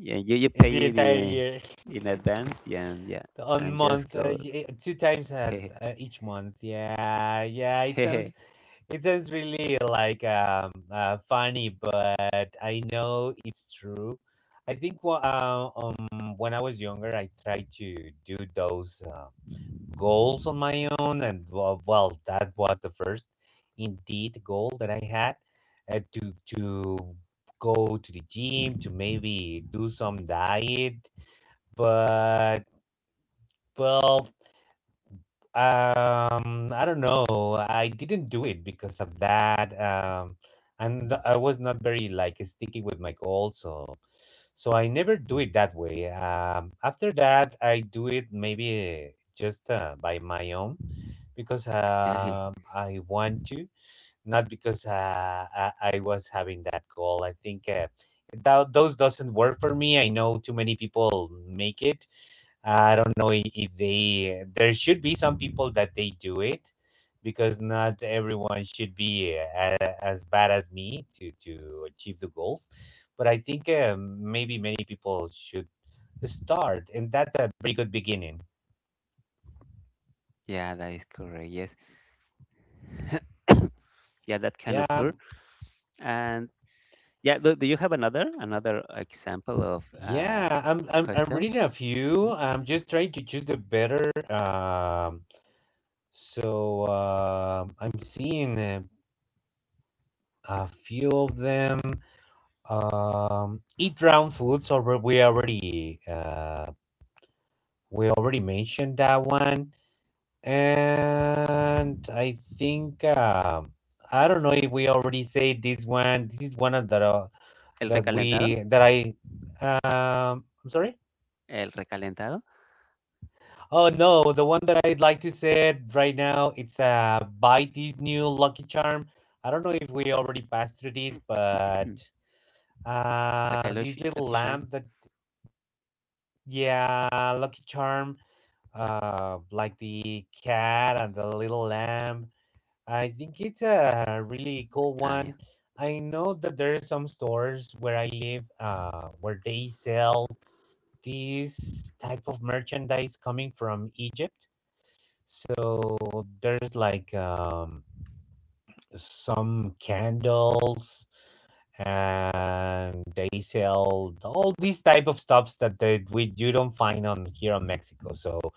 Speaker 2: yeah you you
Speaker 1: In the
Speaker 2: pay
Speaker 1: entire
Speaker 2: the
Speaker 1: year.
Speaker 2: in advance yeah and yeah
Speaker 1: On
Speaker 2: and just
Speaker 1: month, uh,
Speaker 2: go.
Speaker 1: y- eh, two times at, uh, each month. Yeah. Yeah, it
Speaker 2: Hehe.
Speaker 1: sounds It sounds really like, um uh, funny, but I know it's true. I think wha- uh, um when I was younger, I tried to do those, uh, goals on my own, and, well, well, that was the first indeed goal that I had, uh, to to go to the gym to maybe do some diet, but, well, um, I don't know. I didn't do it because of that. Um, and no, I was not very like sticky with my goals, so so I never do it that way. Um, after that, I do it maybe just, uh, by my own because, um I want to, not because, uh, I, I was having that goal. I think, uh, that those doesn't work for me. I know too many people make it. I don't know i- if they. There should be some people that they do it, because not everyone should be, uh, as bad as me to to achieve the goals. But I think, um, maybe many people should start, and that's a very good beginning.
Speaker 2: Yeah, that is correct. Yes. Yeah, that can
Speaker 1: Yeah,
Speaker 2: occur. And yeah, do, do you have another another example of uh,
Speaker 1: Yeah, I'm I'm I'm
Speaker 2: customs?
Speaker 1: reading a
Speaker 2: Mm.
Speaker 1: few. I'm just trying to choose the better. Um, so um I'm seeing uh, a few of them. Um, eat round foods. Or we already uh we already mentioned that one, and I think um I don't know if we already said this one. This is one of the
Speaker 2: El
Speaker 1: that
Speaker 2: recalentado,
Speaker 1: we that I um. I'm sorry.
Speaker 2: el recalentado,
Speaker 1: Oh no, the one that I'd like to say it right now, it's uh buy this new Lucky Charm. I don't know if we already passed through this, but
Speaker 2: la
Speaker 1: uh this
Speaker 2: caloche,
Speaker 1: little
Speaker 2: lucky charm.
Speaker 1: lamp that yeah, Lucky Charm, uh like the cat and the little lamb. I think it's a really cool
Speaker 2: Ah,
Speaker 1: one.
Speaker 2: yeah,
Speaker 1: I know that there are some stores where I live uh where they sell this type of merchandise coming from Egypt, so there's like um, some candles, and they sell all these type of stuffs that they we you don't find on here on Mexico. So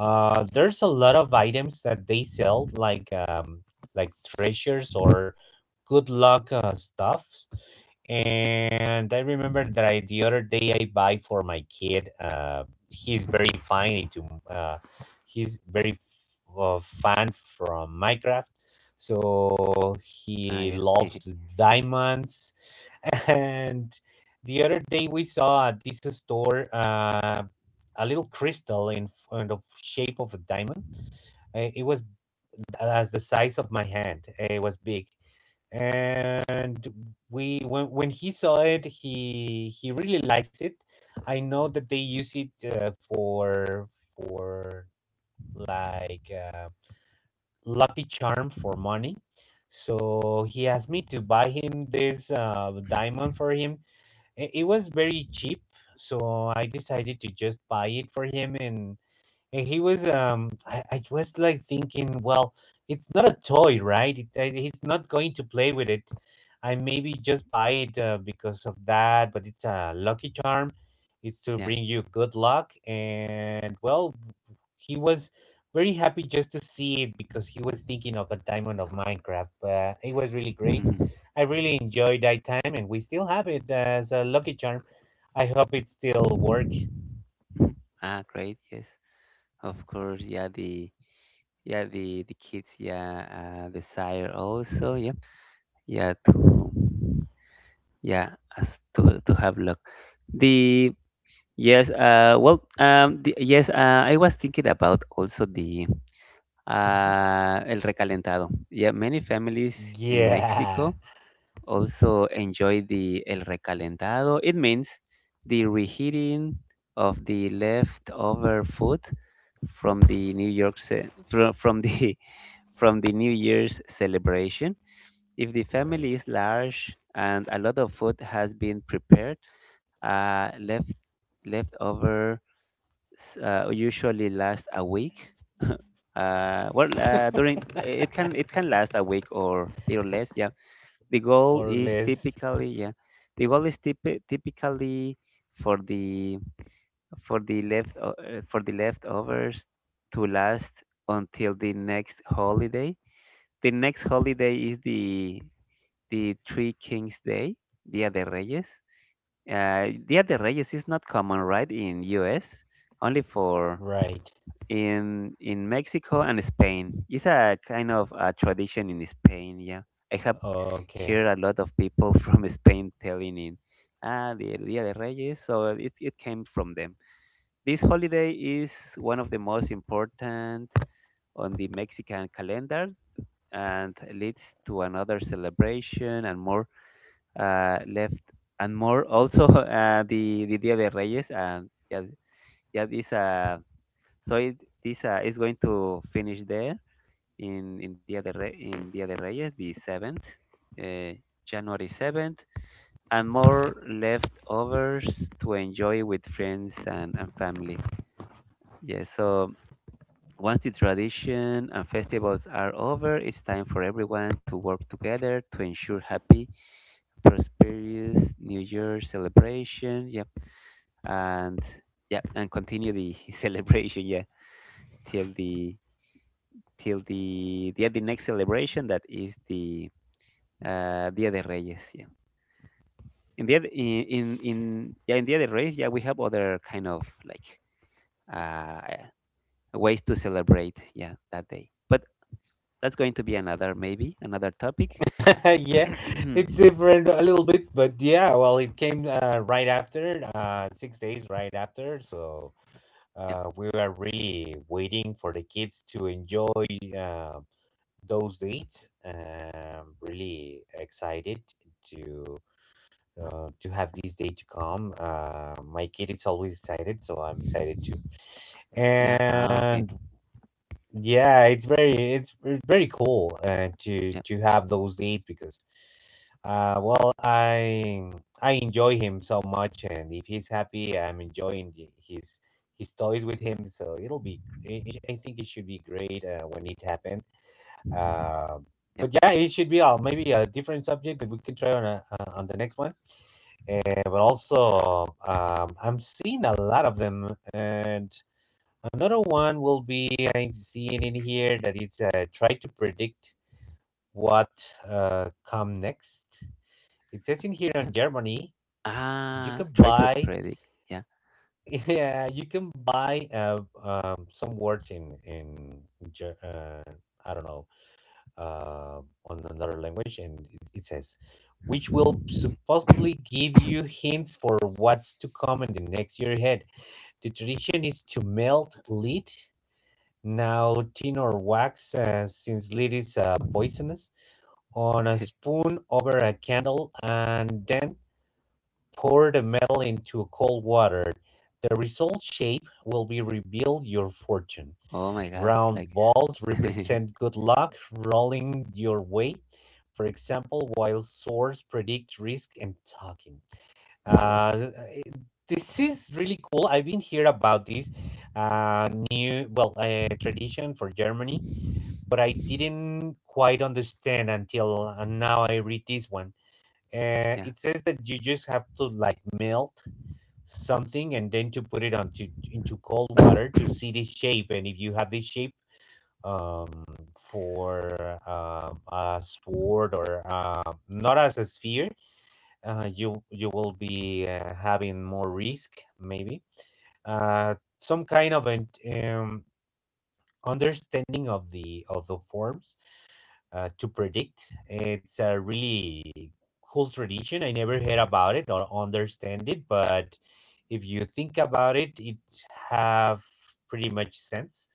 Speaker 1: uh, there's a lot of items that they sell, like um, like treasures or good luck uh, stuffs. And I remember that I the other day I buy for my kid. Uh, he's very fine into uh, he's very uh, fan from Minecraft, so
Speaker 2: ah,
Speaker 1: he
Speaker 2: yeah,
Speaker 1: loves diamonds. And the other day we saw at this store uh, a little crystal in, in the shape of a diamond. Uh, it was th- as the size of my hand. Uh, It was big, and we when when he saw it, he he really likes it. I know that they use it uh, for for like. Um, lucky charm for money. So he asked me to buy him this uh, diamond for him. I- It was very cheap, so I decided to just buy it for him, and and he was um I, I was like thinking, well, it's not a toy, right? It, I- he's not going to play with it. I Maybe just buy it uh, because of that, but it's a lucky charm, it's to
Speaker 2: yeah.
Speaker 1: bring you good luck. And well, he was very happy just to see it because he was thinking of a diamond of Minecraft, but it was really great.
Speaker 2: Mhm,
Speaker 1: I really enjoyed that time, and we still have it as a lucky charm. I hope it still works.
Speaker 2: mhm. Ah, great. Yes, of course. Yeah, the yeah the the kids yeah uh, desire also. Yep. Yeah, to yeah as to to have luck. The. Yes, uh, well, um, the, yes, uh, I was thinking about also the
Speaker 1: Mhm.
Speaker 2: uh, el recalentado. Yeah, many families in
Speaker 1: Yeah.
Speaker 2: Mexico also enjoy the el recalentado. It means the reheating of the leftover food from the New York ce- from, from the from the New Year's celebration. If the family
Speaker 1: Right.
Speaker 2: is large and a lot of food has been prepared, uh, left leftover s- uh, usually last a week. Uh, well, uh, during it can it can last a week or little less. Yeah, the goal
Speaker 1: Or
Speaker 2: is
Speaker 1: less.
Speaker 2: typically yeah, the goal is typi- typically for the for the left uh, for the leftovers to last until the next holiday. The next holiday is the the Three Kings Day, Dia de Reyes. Uh, Dia de Reyes is not common, right, in U S Only for
Speaker 1: Right.
Speaker 2: in in Mexico and Spain. It's a kind of a tradition in Spain. Yeah, I have
Speaker 1: Okay.
Speaker 2: heard a lot of people from Spain telling it, ah, the Dia de Reyes. So it it came from them. This holiday is one of the most important on the Mexican calendar and leads to another celebration and more, uh, left and more also. uh, the the Dia de Reyes, and yeah, yeah, this uh, so it, this uh, is going to finish there in in Dia de Re- in Dia de Reyes, the seventh, uh, January seventh, and more leftovers to enjoy with friends and, and family. Yeah. So once the tradition and festivals are over, it's time for everyone to work together to ensure happy, prosperous New Year celebration. Yep. And yeah, and continue the celebration. Yeah, till the till the the de next celebration that is the uh, Dia de Reyes. Yeah. In the de, in, in in yeah in Dia de Reyes, yeah, we have other kind of like uh, ways to celebrate, yeah, that day. But that's going to be another, maybe another topic.
Speaker 1: Yeah, it's different a little bit, but yeah, well, it came uh, right after, uh, six days right after. So
Speaker 2: Yeah.
Speaker 1: uh, we were really waiting for the kids to enjoy uh, those dates. Um, really excited to uh, to have this day to come. Uh, my kid is always excited, so I'm excited too.
Speaker 2: Yeah. Ah, okay.
Speaker 1: And yeah, it's very it's, it's very cool uh, to
Speaker 2: Yeah,
Speaker 1: to have those leads because uh well I I enjoy him so much, and if he's happy, I'm enjoying the- his his toys with him, so it'll be it, it, sh- I think it should be great uh, when it happened. Uh,
Speaker 2: yeah,
Speaker 1: but yeah, it should be uh, maybe a different subject that we can try on a, uh, on the next one. Uh, but also um, I'm seeing a lot of them. And another one will be, I'm seeing in here that it's uh, try to predict what uh, come next. It says in here
Speaker 2: yeah.
Speaker 1: on Germany, you
Speaker 2: Ah,
Speaker 1: can
Speaker 2: try to
Speaker 1: buy
Speaker 2: predict. Yeah.
Speaker 1: yeah, you can buy uh, um, some words in in Ger- uh, I don't know, uh, on another language, and it, it says which will supposedly give you hints for what's to come in the next year ahead. The tradition is to melt lead. Now tin or wax, uh, since lead is uh, poisonous, on a spoon over a candle, and then pour the metal into cold water. The result shape will be revealed your fortune.
Speaker 2: Oh my gosh,
Speaker 1: Round
Speaker 2: like
Speaker 1: balls represent good luck rolling your way, for example, while swords predict risk and talking.
Speaker 2: swords.
Speaker 1: Uh, eh, this is really cool. I've been here about this uh, new, well, uh, tradition for Germany, but I didn't quite understand until uh, now I read this one. Uh,
Speaker 2: Yeah.
Speaker 1: it says that you just have to like melt something and then to put it onto into cold water to see the shape, and if you have the shape um for um a sword or uh, not as a sphere, uh you you will be uh, having more risk. Maybe uh some kind of an um understanding of the of the forms uh, to predict. It's a really cool tradition. I never heard about it or understand it, but if you think about it, it have pretty much sense.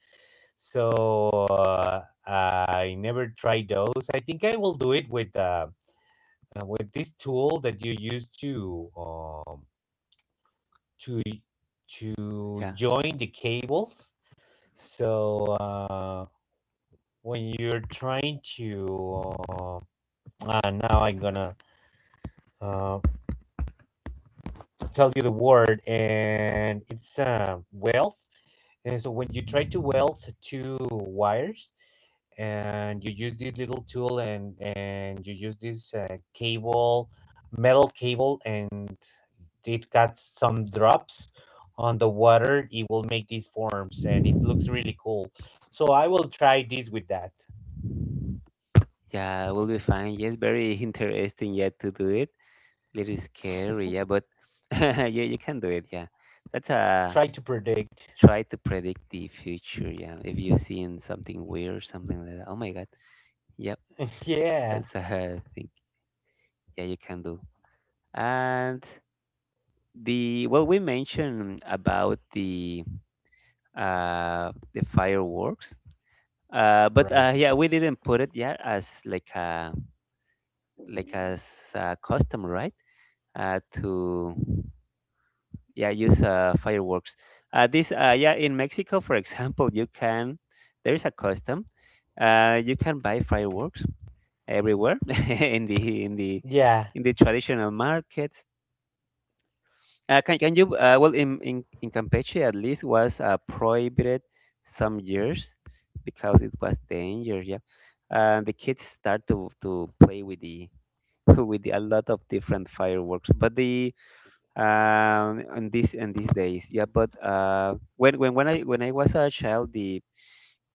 Speaker 1: So uh, I never tried those. I think I will do it with uh, uh, with this tool that you use to um, to to
Speaker 2: Yeah.
Speaker 1: join the cables. So. Uh, when you're trying to uh, uh now I'm gonna uh, tell you the word, and it's uh, wealth. And so when you try to weld two wires, and you use this little tool, and and you use this uh, cable metal cable, and it got some drops on the water, it will make these forms, and it looks really cool. So I will try this with that.
Speaker 2: Yeah, we will be fine. Yes, very interesting. Yeah, to do it. Little scary. Yeah, but yeah, you can do it. Yeah, that's a,
Speaker 1: Try to predict.
Speaker 2: try to predict the future. Yeah, if you're seeing something weird, something like that. Oh my God. Yep,
Speaker 1: Yeah,
Speaker 2: that's a thing. Yeah, you can do. And, the well, we mentioned about the uh the fireworks. Uh, but uh,
Speaker 1: right.
Speaker 2: yeah, we didn't put it yet as like a, like as a custom, right? Uh, to, yeah, use uh, fireworks, uh, this uh, yeah, in mexico, for example, you can, there is a custom. Uh, you can buy fireworks everywhere in the in the
Speaker 1: Yeah,
Speaker 2: in the traditional market. Uh, can, can you, uh, well, in, in in campeche, at least, was uh, prohibited some years because it was dangerous. Yeah, uh, the kids start to to play with the, with the, a lot of different fireworks, but the, um, on these in these days. Yeah, but uh, when when when I when I was a child, the,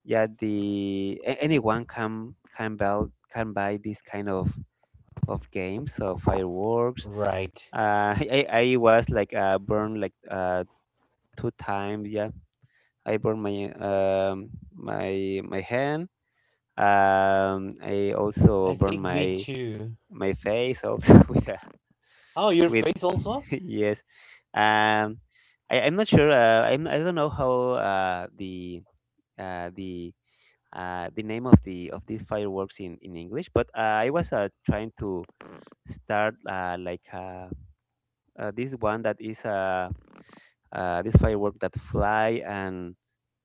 Speaker 2: yeah, the, a- anyone can can buy, can buy this kind of of games of fireworks.
Speaker 1: right.
Speaker 2: Uh, I I was like, uh, burned, like, uh, two times. Yeah, I burned my um my my hand. Um, I also
Speaker 1: I
Speaker 2: burned
Speaker 1: think me
Speaker 2: my
Speaker 1: too.
Speaker 2: my face also with a,
Speaker 1: Oh, your
Speaker 2: with,
Speaker 1: face also?
Speaker 2: yes. Um, I, I'm not sure. Uh, I'm I don't know how uh, the uh, the uh, the name of the, of these fireworks in in English, but uh, I was uh, trying to start, uh, like uh, uh, this one that is, uh, uh, this firework that fly and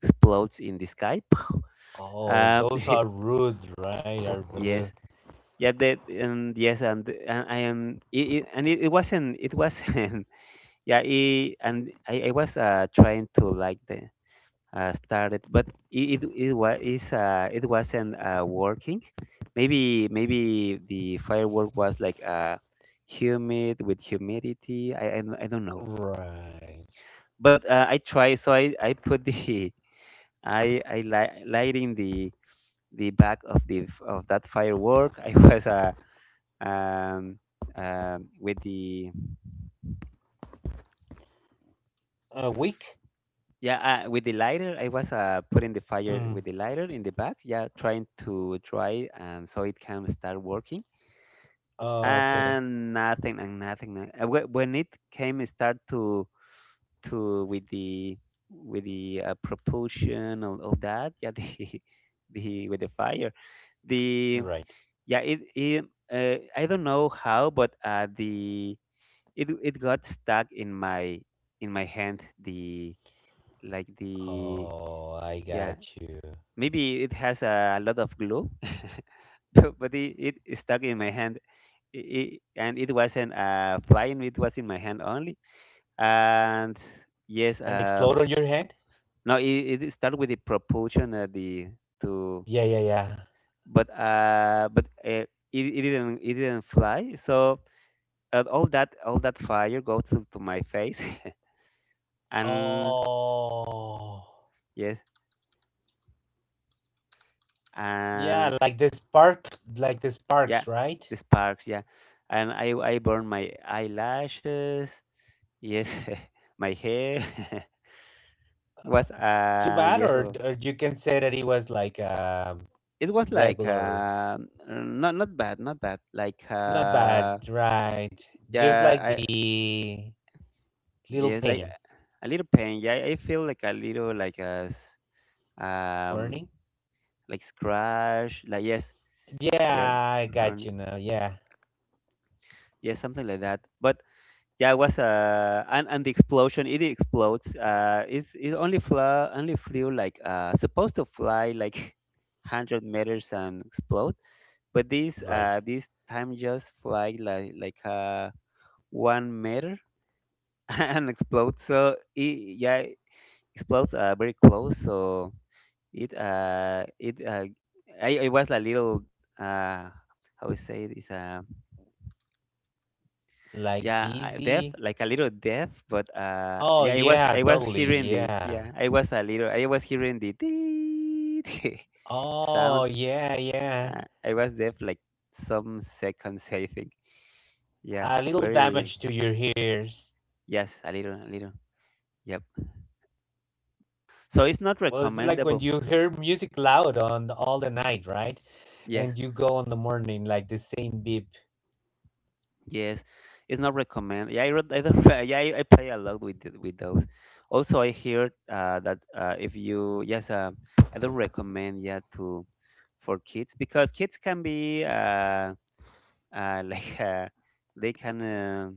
Speaker 2: explodes in the sky.
Speaker 1: Oh,
Speaker 2: Um,
Speaker 1: those are rude, right? Are
Speaker 2: yes.
Speaker 1: blue.
Speaker 2: Yeah, that, and yes, and, and I am, it, it, and it, it wasn't it wasn't yeah, it, and I, I was uh, trying to, like, the, uh, started, but it it, it was is uh, it wasn't uh, working. Maybe maybe the firework was like, uh, humid with humidity. I I, don't I don't know.
Speaker 1: Right.
Speaker 2: But uh, I tried, so I, I put the, I I li- lighting the the back of the f- of that firework. I was, uh, um um with the,
Speaker 1: Uh, weak?
Speaker 2: yeah, uh, with the lighter. I was uh, putting the fire
Speaker 1: Mm.
Speaker 2: with the lighter in the back. Yeah, trying to dry, and so it can start working,
Speaker 1: Oh, okay.
Speaker 2: and nothing, and nothing no- uh, whe- when it came, it start to to with the, with the uh, propulsion of, of that, yeah, the, the, with the fire, the,
Speaker 1: Right.
Speaker 2: yeah, it, it uh, I don't know how, but uh the it it got stuck in my, in my hand, the, like the,
Speaker 1: Oh, I
Speaker 2: yeah,
Speaker 1: got you.
Speaker 2: maybe it has a lot of glue, but it, it stuck in my hand. I- I- and it wasn't uh, flying, it was in my hand only. And yes,
Speaker 1: An
Speaker 2: um,
Speaker 1: explode on your head?
Speaker 2: no, it, it started with the propulsion at the, to,
Speaker 1: Yeah, yeah, yeah.
Speaker 2: but uh, but uh, it, it didn't it didn't fly. So uh, all that all that fire goes to, to my face, and
Speaker 1: Oh.
Speaker 2: yes,
Speaker 1: Yeah,
Speaker 2: and
Speaker 1: like the spark, like the
Speaker 2: yeah,
Speaker 1: sparks, right?
Speaker 2: the sparks, yeah, and I I burned my eyelashes, yes, my hair
Speaker 1: Uh,
Speaker 2: was
Speaker 1: Too
Speaker 2: uh
Speaker 1: bad,
Speaker 2: yes.
Speaker 1: or,
Speaker 2: Uh,
Speaker 1: or you can say that it was like um,
Speaker 2: it was like,
Speaker 1: regular.
Speaker 2: uh, not not bad, not bad. Like,
Speaker 1: Not bad,
Speaker 2: uh,
Speaker 1: right? Just
Speaker 2: yeah,
Speaker 1: like
Speaker 2: I,
Speaker 1: the little
Speaker 2: yes, like,
Speaker 1: pain
Speaker 2: uh, a little pain. Yeah, I feel like a little, like a s- um
Speaker 1: burning.
Speaker 2: like scratch. Like, yes, yes,
Speaker 1: Yeah, I got
Speaker 2: hernia.
Speaker 1: you now. Yeah,
Speaker 2: Yeah, something like that. But yeah, it was uh and, and the explosion. It explodes. Uh, it's it only flew, only flew like, uh supposed to fly like hundred meters and explode. But this
Speaker 1: right.
Speaker 2: uh this time just fly like, like uh. one meter and explodes. So it, yeah, explodes, uh, very close. So it uh it uh I, I was a little, uh how we say it, is, uh
Speaker 1: Like
Speaker 2: yeah uh, deaf,
Speaker 1: dizzy.
Speaker 2: like a little deaf. But uh
Speaker 1: Oh
Speaker 2: yeah, I was,
Speaker 1: yeah,
Speaker 2: I was
Speaker 1: totally.
Speaker 2: hearing the,
Speaker 1: Yeah.
Speaker 2: yeah, I was a little, I was hearing the
Speaker 1: Oh
Speaker 2: sound.
Speaker 1: yeah, yeah.
Speaker 2: Uh, I was deaf like some seconds, I think. Yeah,
Speaker 1: A little
Speaker 2: very,
Speaker 1: damage to your ears.
Speaker 2: yes, a little, a little. Yep. So it's not
Speaker 1: Well, it's like when
Speaker 2: recommendable.
Speaker 1: you hear music loud on all the night, right?
Speaker 2: Yes.
Speaker 1: And you go on the morning like the same beep.
Speaker 2: Yes, it's not recommend. Yeah, I read, I don't, yeah, I, I play a lot with th- with those. Also, I heard, uh, that uh, if you, yes, uh, I don't recommend, yeah, to, for kids, because kids can be, uh, uh, like, uh, they can, uh,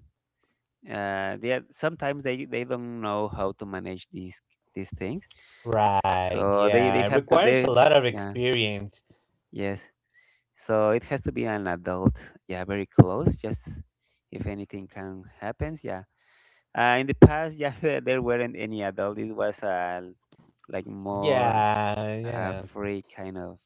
Speaker 2: uh, they are- sometimes they they don't know how to manage these these things,
Speaker 1: Right.
Speaker 2: so they
Speaker 1: Yeah.
Speaker 2: they
Speaker 1: It
Speaker 2: have to,
Speaker 1: requires a
Speaker 2: they,
Speaker 1: lot of
Speaker 2: yeah,
Speaker 1: experience.
Speaker 2: yes. So it has to be an adult, yeah, very close. Just if anything can happens, yeah. Uh, in the past, yeah, there there weren't any adult. It was, uh, like more,
Speaker 1: Yeah,
Speaker 2: uh,
Speaker 1: yeah.
Speaker 2: free kind of.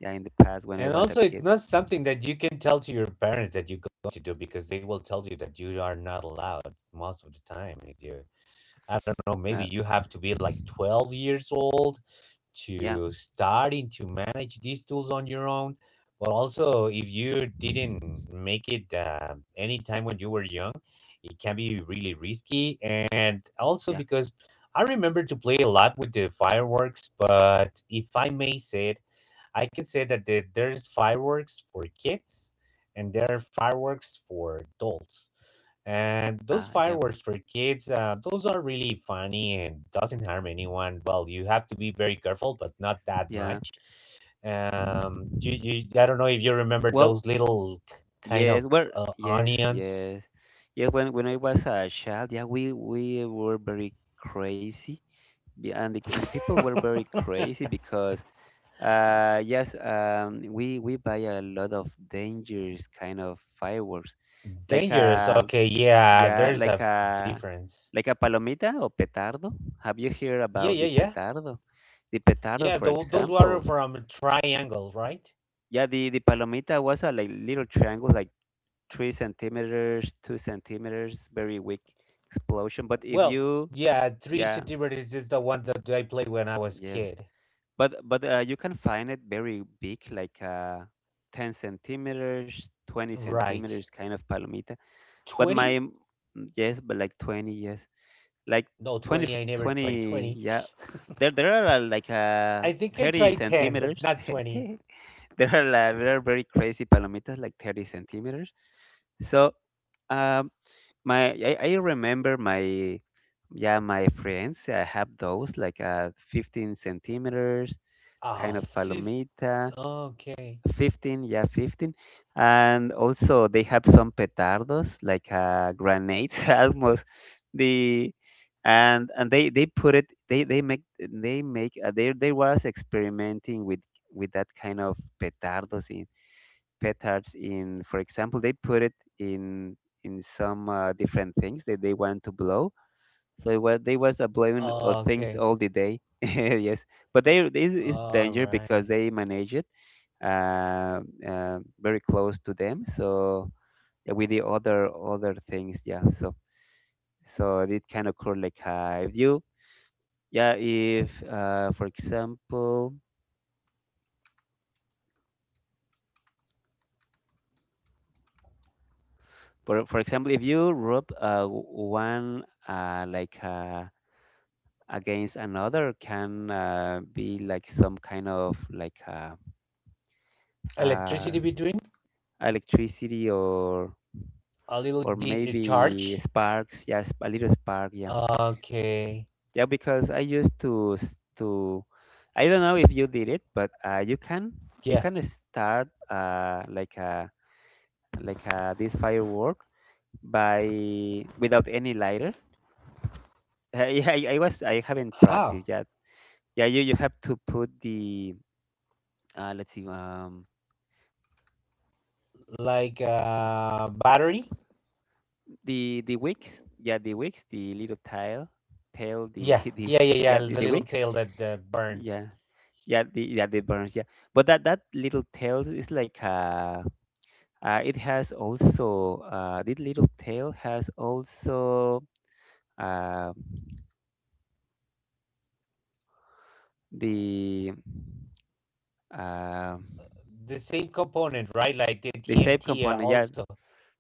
Speaker 2: Yeah, in the past when I
Speaker 1: And
Speaker 2: was a
Speaker 1: also, it's
Speaker 2: kid.
Speaker 1: not something that you can tell to your parents that you're going to do, because they will tell you that you are not allowed most of the time. If you, I don't know, maybe
Speaker 2: Uh,
Speaker 1: you have to be like twelve years old
Speaker 2: yeah,
Speaker 1: to starting to manage these tools on your own. But also, if you didn't make it uh, any time when you were young, it can be really risky. And also
Speaker 2: yeah,
Speaker 1: because I remember to play a lot with the fireworks, but if I may say it, I can say that the, there's fireworks for kids and there are fireworks for adults. And
Speaker 2: uh,
Speaker 1: those
Speaker 2: yeah,
Speaker 1: fireworks for kids, uh, those are really funny and doesn't harm anyone. Well, you have to be very careful, but not that
Speaker 2: yeah.
Speaker 1: much. Um, you, you, I don't know if you remember
Speaker 2: Well,
Speaker 1: those little k- kind of
Speaker 2: yes, well,
Speaker 1: uh,
Speaker 2: yes,
Speaker 1: onions.
Speaker 2: yes, yes. When when I was a child, yeah, we we were very crazy. Be- and the, and the people were very crazy, because, uh, yes, um, we we buy a lot of dangerous kind of fireworks, like,
Speaker 1: Dangerous.
Speaker 2: uh
Speaker 1: Okay, yeah,
Speaker 2: yeah,
Speaker 1: there's a f-
Speaker 2: like a,
Speaker 1: difference.
Speaker 2: like a palomita or petardo. Have you heard
Speaker 1: Yeah,
Speaker 2: about
Speaker 1: yeah,
Speaker 2: the
Speaker 1: yeah.
Speaker 2: petardo? The petardo,
Speaker 1: Yeah,
Speaker 2: for
Speaker 1: tho- those were
Speaker 2: example.
Speaker 1: from a triangle, right?
Speaker 2: Yeah, the, the palomita was a like little triangle, like three centimeters, two centimeters, very weak explosion. But if
Speaker 1: Well,
Speaker 2: you,
Speaker 1: yeah, three
Speaker 2: yeah,
Speaker 1: centimeters is the one that I played when I was
Speaker 2: yes,
Speaker 1: kid.
Speaker 2: but, but uh, you can find it very big, like, uh, ten centimeters, twenty
Speaker 1: Right.
Speaker 2: centimeters, kind of palomita. But my,
Speaker 1: twenty?
Speaker 2: mm, yes, but, like twenty, yes, like
Speaker 1: No,
Speaker 2: twenty,
Speaker 1: twenty. I never tried
Speaker 2: twenty,
Speaker 1: twenty.
Speaker 2: yeah, there there are, uh, like uh
Speaker 1: I think I
Speaker 2: thirty
Speaker 1: tried ten, but
Speaker 2: centimeters.
Speaker 1: not twenty.
Speaker 2: There are like, there are very crazy palomitas like thirty centimeters. So, um, my, i, I remember my, yeah, my friends, uh, have those like, uh fifteen centimeters
Speaker 1: Oh,
Speaker 2: kind of
Speaker 1: fifty.
Speaker 2: palomita.
Speaker 1: Okay.
Speaker 2: fifteen, yeah, fifteen. And also they have some petardos, like, uh, grenades almost. The, and and they they put it, they they make they make uh, they they was experimenting with with that kind of petardos in, petards in, for example, they put it in in some, uh, different things that they want to blow. So what they was a blowing of things
Speaker 1: Okay.
Speaker 2: all the day. Yes, but they, this is
Speaker 1: All
Speaker 2: danger,
Speaker 1: right.
Speaker 2: because they manage it uh, uh, very close to them. So, yeah, with the other, other things, yeah. So, so it can occur like, uh, if you, yeah, if, uh, for example, for for example, if you rub, uh, w- one uh, like uh, against another, can, uh, be like some kind of like, uh, uh,
Speaker 1: Electricity between?
Speaker 2: electricity, or
Speaker 1: A little
Speaker 2: or
Speaker 1: de- uh,
Speaker 2: maybe
Speaker 1: charge?
Speaker 2: sparks, yes, a little spark, yeah.
Speaker 1: Okay.
Speaker 2: Yeah, because I used to, s- to I don't know if you did it, but uh, you can, you
Speaker 1: Yeah.
Speaker 2: can start, uh, like a like a, this firework, by, without any lighter. Yeah, I, I was, I haven't
Speaker 1: How?
Speaker 2: practiced yet. Yeah, you, you have to put the, uh, let's see, um,
Speaker 1: Like uh, battery?
Speaker 2: the the wicks. Yeah, the wicks, the little tail, tail, the,
Speaker 1: Yeah.
Speaker 2: this,
Speaker 1: Yeah, yeah, yeah.
Speaker 2: yeah, the,
Speaker 1: The
Speaker 2: the
Speaker 1: little
Speaker 2: wicks.
Speaker 1: tail that uh, burns.
Speaker 2: Yeah. Yeah, the, yeah, the burns, yeah. But that, that little tail is like a, Uh, it has also, uh, this little tail has also, uh, the uh,
Speaker 1: The same component, right? Like the
Speaker 2: the shape
Speaker 1: T N T uh,
Speaker 2: component. Yeah,
Speaker 1: also.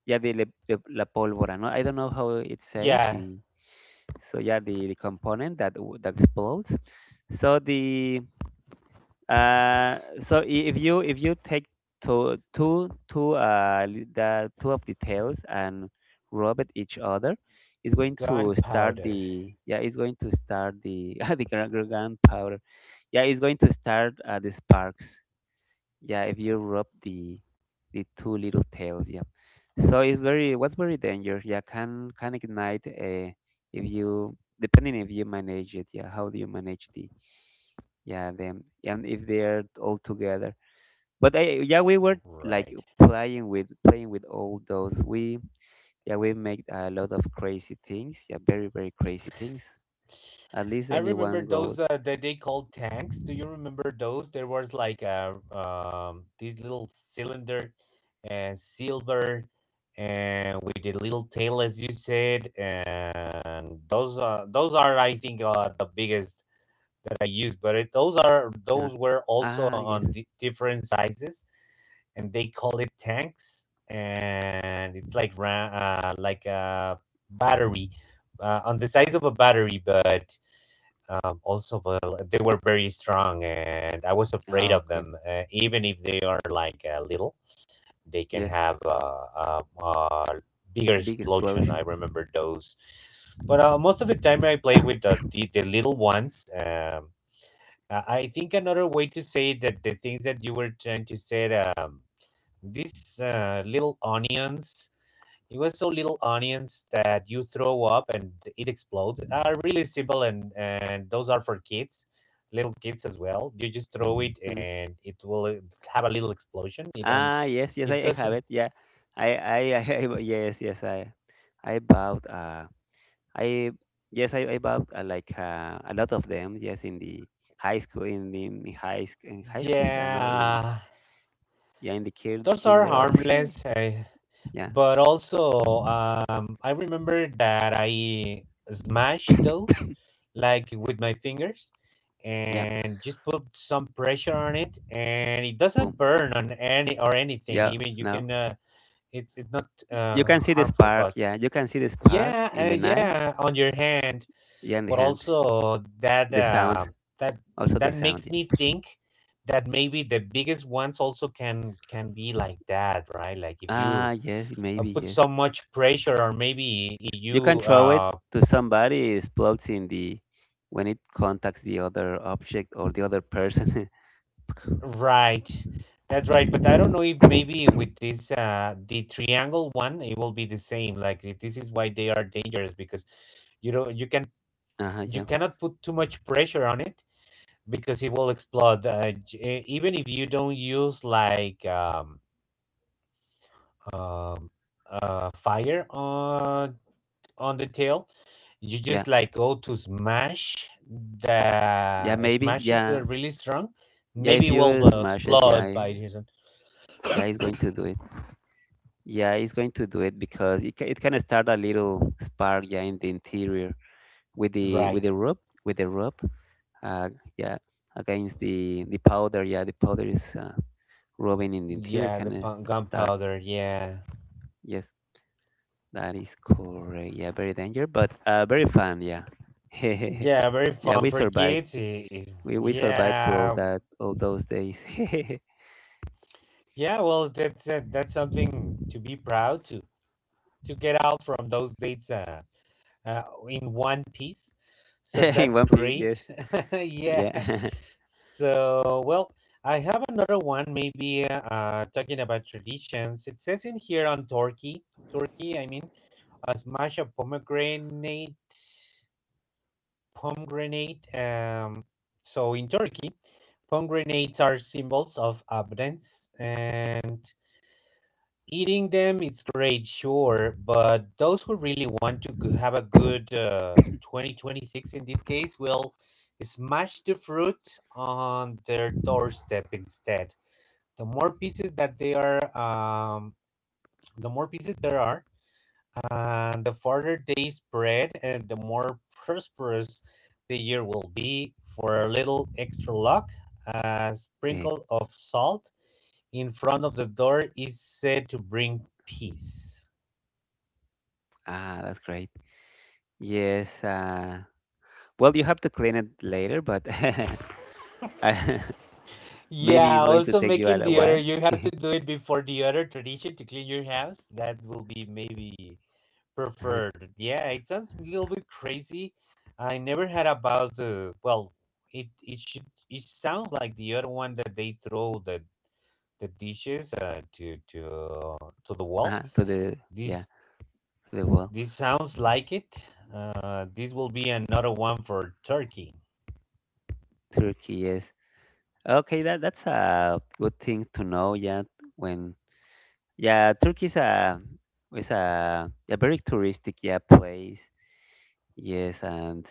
Speaker 2: yeah, the, le- the la pólvora. No, I don't know how it says
Speaker 1: Yeah,
Speaker 2: the. So, yeah, the, the component that w- that explodes. So the, Uh, so i- if you, if you take two two two uh li- the two of the tails and rub at each other, it's going to start
Speaker 1: gunpowder.
Speaker 2: the, yeah, it's going to start the the gra- gra- gunpowder. Yeah, it's going to start, uh, the sparks. Yeah, if you rub the the two little tails. Yeah, so it's very what's very dangerous. Yeah, can can ignite uh, if you depending if you manage it. Yeah, how do you manage the yeah them, and if they're all together but I, yeah we were like
Speaker 1: Right.
Speaker 2: playing with playing with all those we yeah we make a lot of crazy things, yeah, very very crazy things at least
Speaker 1: I remember
Speaker 2: anyone go
Speaker 1: those uh, that they called tanks. Do you remember those? There was like a um this little cylinder, and silver, and with the little tail, as you said, and those are those are I think uh, the biggest that I use, but it, those are
Speaker 2: uh
Speaker 1: those were also
Speaker 2: ah yes,
Speaker 1: on di different sizes, and they call it tanks, and it's like ra- uh, like a battery, uh, on the size of a battery. But um, also, well, they were very strong, and I was afraid
Speaker 2: ah
Speaker 1: of them,
Speaker 2: okay,
Speaker 1: uh, even if they are like uh, little, they can
Speaker 2: yes,
Speaker 1: have a, a, a bigger
Speaker 2: big
Speaker 1: explosion. I
Speaker 2: explosion.
Speaker 1: remember those. But uh, most of the time I play with the, the, the little ones. Um, uh, I think another way to say that the things that you were trying to say, um, these uh, little onions, it was so little onions that you throw up and it explodes, are really simple, and, and those are for kids, little kids as well. You just throw it
Speaker 2: Mhm.
Speaker 1: and it will uh, have a little explosion. It doesn't,
Speaker 2: Ah yes, yes,
Speaker 1: it
Speaker 2: I, I have
Speaker 1: doesn't,
Speaker 2: it, yeah. I I, I yes yes I I bought uh I yes, I, I bought uh, like uh, a lot of them. Yes, in the high school, in the in high sc- in high school, I know in
Speaker 1: yeah.
Speaker 2: yeah in the kid
Speaker 1: Those are
Speaker 2: kinder also.
Speaker 1: harmless. I,
Speaker 2: yeah,
Speaker 1: but also um I remember that I smashed those like with my fingers
Speaker 2: yeah,
Speaker 1: and just put some pressure on it, and it
Speaker 2: boom,
Speaker 1: doesn't burn on any or anything.
Speaker 2: yeah.
Speaker 1: Even you
Speaker 2: Now
Speaker 1: can uh, it's it's not
Speaker 2: you
Speaker 1: uh,
Speaker 2: can see the
Speaker 1: harmful.
Speaker 2: spark.
Speaker 1: But
Speaker 2: Yeah, you can see the spark
Speaker 1: yeah,
Speaker 2: in
Speaker 1: uh,
Speaker 2: the night.
Speaker 1: yeah, on your hand.
Speaker 2: Yeah, in the
Speaker 1: But
Speaker 2: hand,
Speaker 1: also
Speaker 2: the
Speaker 1: that
Speaker 2: sound,
Speaker 1: uh, that
Speaker 2: also the
Speaker 1: that
Speaker 2: sound.
Speaker 1: makes
Speaker 2: Yeah.
Speaker 1: me think that maybe the biggest ones also can can be like that, right? Like if
Speaker 2: Ah,
Speaker 1: you
Speaker 2: yes,
Speaker 1: uh,
Speaker 2: maybe
Speaker 1: put
Speaker 2: yes.
Speaker 1: so much pressure, or maybe
Speaker 2: You can
Speaker 1: you
Speaker 2: throw it
Speaker 1: uh
Speaker 2: to somebody. It explodes in the when it contacts the other object or the other person.
Speaker 1: right, that's right. But I don't know if
Speaker 2: uh
Speaker 1: maybe with this uh the triangle one, it will be the same. Like i- this is why they are dangerous, because you know you can, you
Speaker 2: huh.
Speaker 1: cannot put too much pressure on it because it will explode, uh, j- e- even if you don't use like um um uh fire uh on the tail. You
Speaker 2: Yeah.
Speaker 1: just like go to smash
Speaker 2: Yeah,
Speaker 1: the
Speaker 2: maybe.
Speaker 1: smash it to
Speaker 2: Yeah.
Speaker 1: a really strong.
Speaker 2: Yeah, if
Speaker 1: Maybe it will
Speaker 2: you
Speaker 1: uh,
Speaker 2: smash it, yeah,
Speaker 1: explode
Speaker 2: eh,
Speaker 1: by his own.
Speaker 2: yeah, it's going to do it. Yeah, it's going to do it because it can, it can start a little spark, yeah, in the interior with the with
Speaker 1: Right.
Speaker 2: the rope, with the rope, uh, yeah, against the the powder. Yeah, the powder is uh, rubbing in the interior,
Speaker 1: Yeah,
Speaker 2: kind
Speaker 1: the
Speaker 2: of
Speaker 1: pun-
Speaker 2: start.
Speaker 1: gunpowder. Yeah.
Speaker 2: Yes, that is correct. Yeah, very dangerous, but uh, very fun. Yeah,
Speaker 1: Yeah, very
Speaker 2: yeah,
Speaker 1: fun
Speaker 2: we
Speaker 1: for
Speaker 2: survived.
Speaker 1: kids. i- i-
Speaker 2: We we survived to all
Speaker 1: Yeah.
Speaker 2: that all those days
Speaker 1: Yeah, well, that's uh, that's something to be proud to to get out from those dates. Uh, uh, in one piece. So
Speaker 2: in
Speaker 1: that's
Speaker 2: one piece.
Speaker 1: great.
Speaker 2: Yes,
Speaker 1: yeah.
Speaker 2: yeah.
Speaker 1: So, well, I have another one, maybe uh, talking about traditions. It says in here on Turkey, Turkey, I mean, uh, smash a pomegranate, pomegranate. Um, so in Turkey, pomegranates are symbols of abundance, and eating them is great, sure, but those who really want to g- have a good uh, twenty twenty-six in this case will smash the fruit on their doorstep instead. The more pieces that they are, um, the more pieces there are, and the farther days spread, and the more prosperous the year will be. For a little extra luck, a
Speaker 2: Hey,
Speaker 1: sprinkle of salt in front of the door is said to bring peace.
Speaker 2: ah, that's great. Yes. Uh, well, you have to clean it later, but I, maybe
Speaker 1: Yeah,
Speaker 2: it's going to
Speaker 1: also
Speaker 2: take you a
Speaker 1: making
Speaker 2: little
Speaker 1: the other,
Speaker 2: while.
Speaker 1: you have to do it before the other tradition to clean your house. That will be maybe
Speaker 2: Uh-huh,
Speaker 1: preferred. Yeah, it sounds a little bit crazy. I never had about the well. It it should, it sounds like the other one that they throw the the dishes uh, to to to the wall.
Speaker 2: uh-huh, to the yeah
Speaker 1: This
Speaker 2: to the wall.
Speaker 1: this sounds like it. Uh, this will be another one for Turkey.
Speaker 2: Turkey, yes. Okay, that that's a good thing to know. Yeah, when yeah, Turkey is a is a, a very touristic yeah place. Yes, and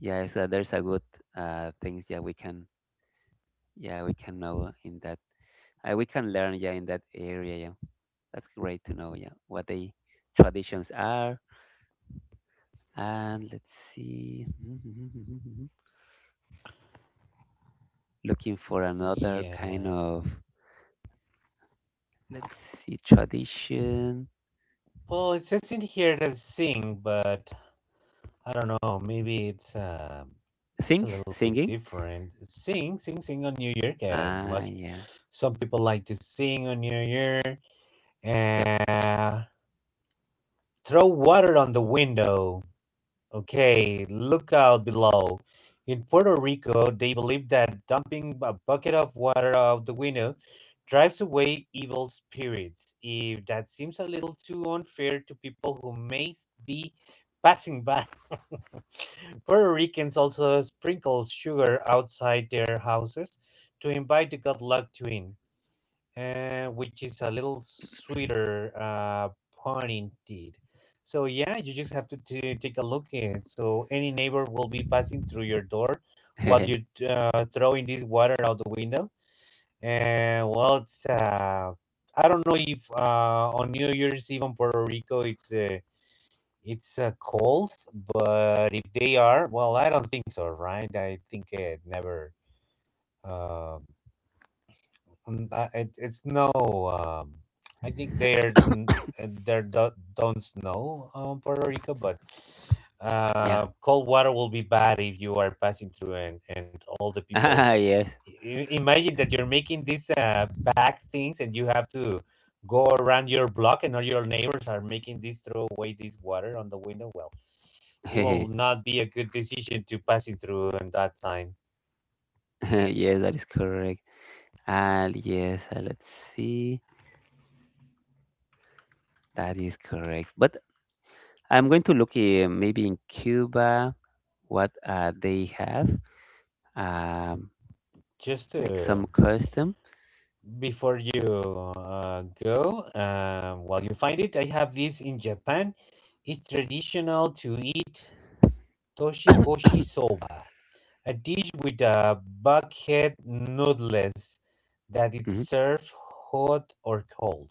Speaker 2: yeah, so there's a good uh things yeah we can yeah we can know in that uh, we can learn yeah in that area. Yeah. That's great to know, yeah, what the traditions are. And let's see, looking for another kind
Speaker 1: Yeah.
Speaker 2: of, let's see, tradition.
Speaker 1: Well, it says in here that sing, but I don't know. Maybe it's uh, it's
Speaker 2: Sing,
Speaker 1: a little bit
Speaker 2: singing.
Speaker 1: different. Sing, sing, sing on New Year. Yeah,
Speaker 2: Ah,
Speaker 1: must.
Speaker 2: yeah,
Speaker 1: Some people like to sing on New Year.
Speaker 2: yep,
Speaker 1: Uh, throw water on the window. Okay, look out below. In Puerto Rico, they believe that dumping a bucket of water out the window drives away evil spirits. If that seems a little too unfair to people who may be passing by, Puerto Ricans also sprinkle sugar outside their houses to invite the good luck to in, uh, which is a little sweeter uh, pun indeed. So yeah, you just have to t- take a look at it. So any neighbor will be passing through your door while you're uh, throwing this water out the window. And well, it's uh, I don't know if uh, on New Year's Eve in Puerto Rico it's uh, it's uh, cold, but if they are, well, I don't think so, right? I think it never. Um, um. uh, it, it's no um I think they're n- uh, they're do- don't snow um Puerto Rico, but
Speaker 2: yeah,
Speaker 1: uh cold water will be bad if you are passing through, and and all the people,
Speaker 2: ah, yes,
Speaker 1: I- imagine that you're making these uh bad things, and you have to go around your block, and all your neighbors are making this, throw away this water on the window. Well, it
Speaker 2: yes,
Speaker 1: will not be a good decision to passing through in that time.
Speaker 2: that is correct. And yes, uh, let's see, that is correct. But I'm going to look uh, maybe in Cuba what uh, they have, um,
Speaker 1: Just to,
Speaker 2: like some custom.
Speaker 1: before you uh, go, uh, while you find it, I have this in Japan. It's traditional to eat toshikoshi soba, a dish with uh, buckhead noodles that is
Speaker 2: Mhm.
Speaker 1: served hot or cold.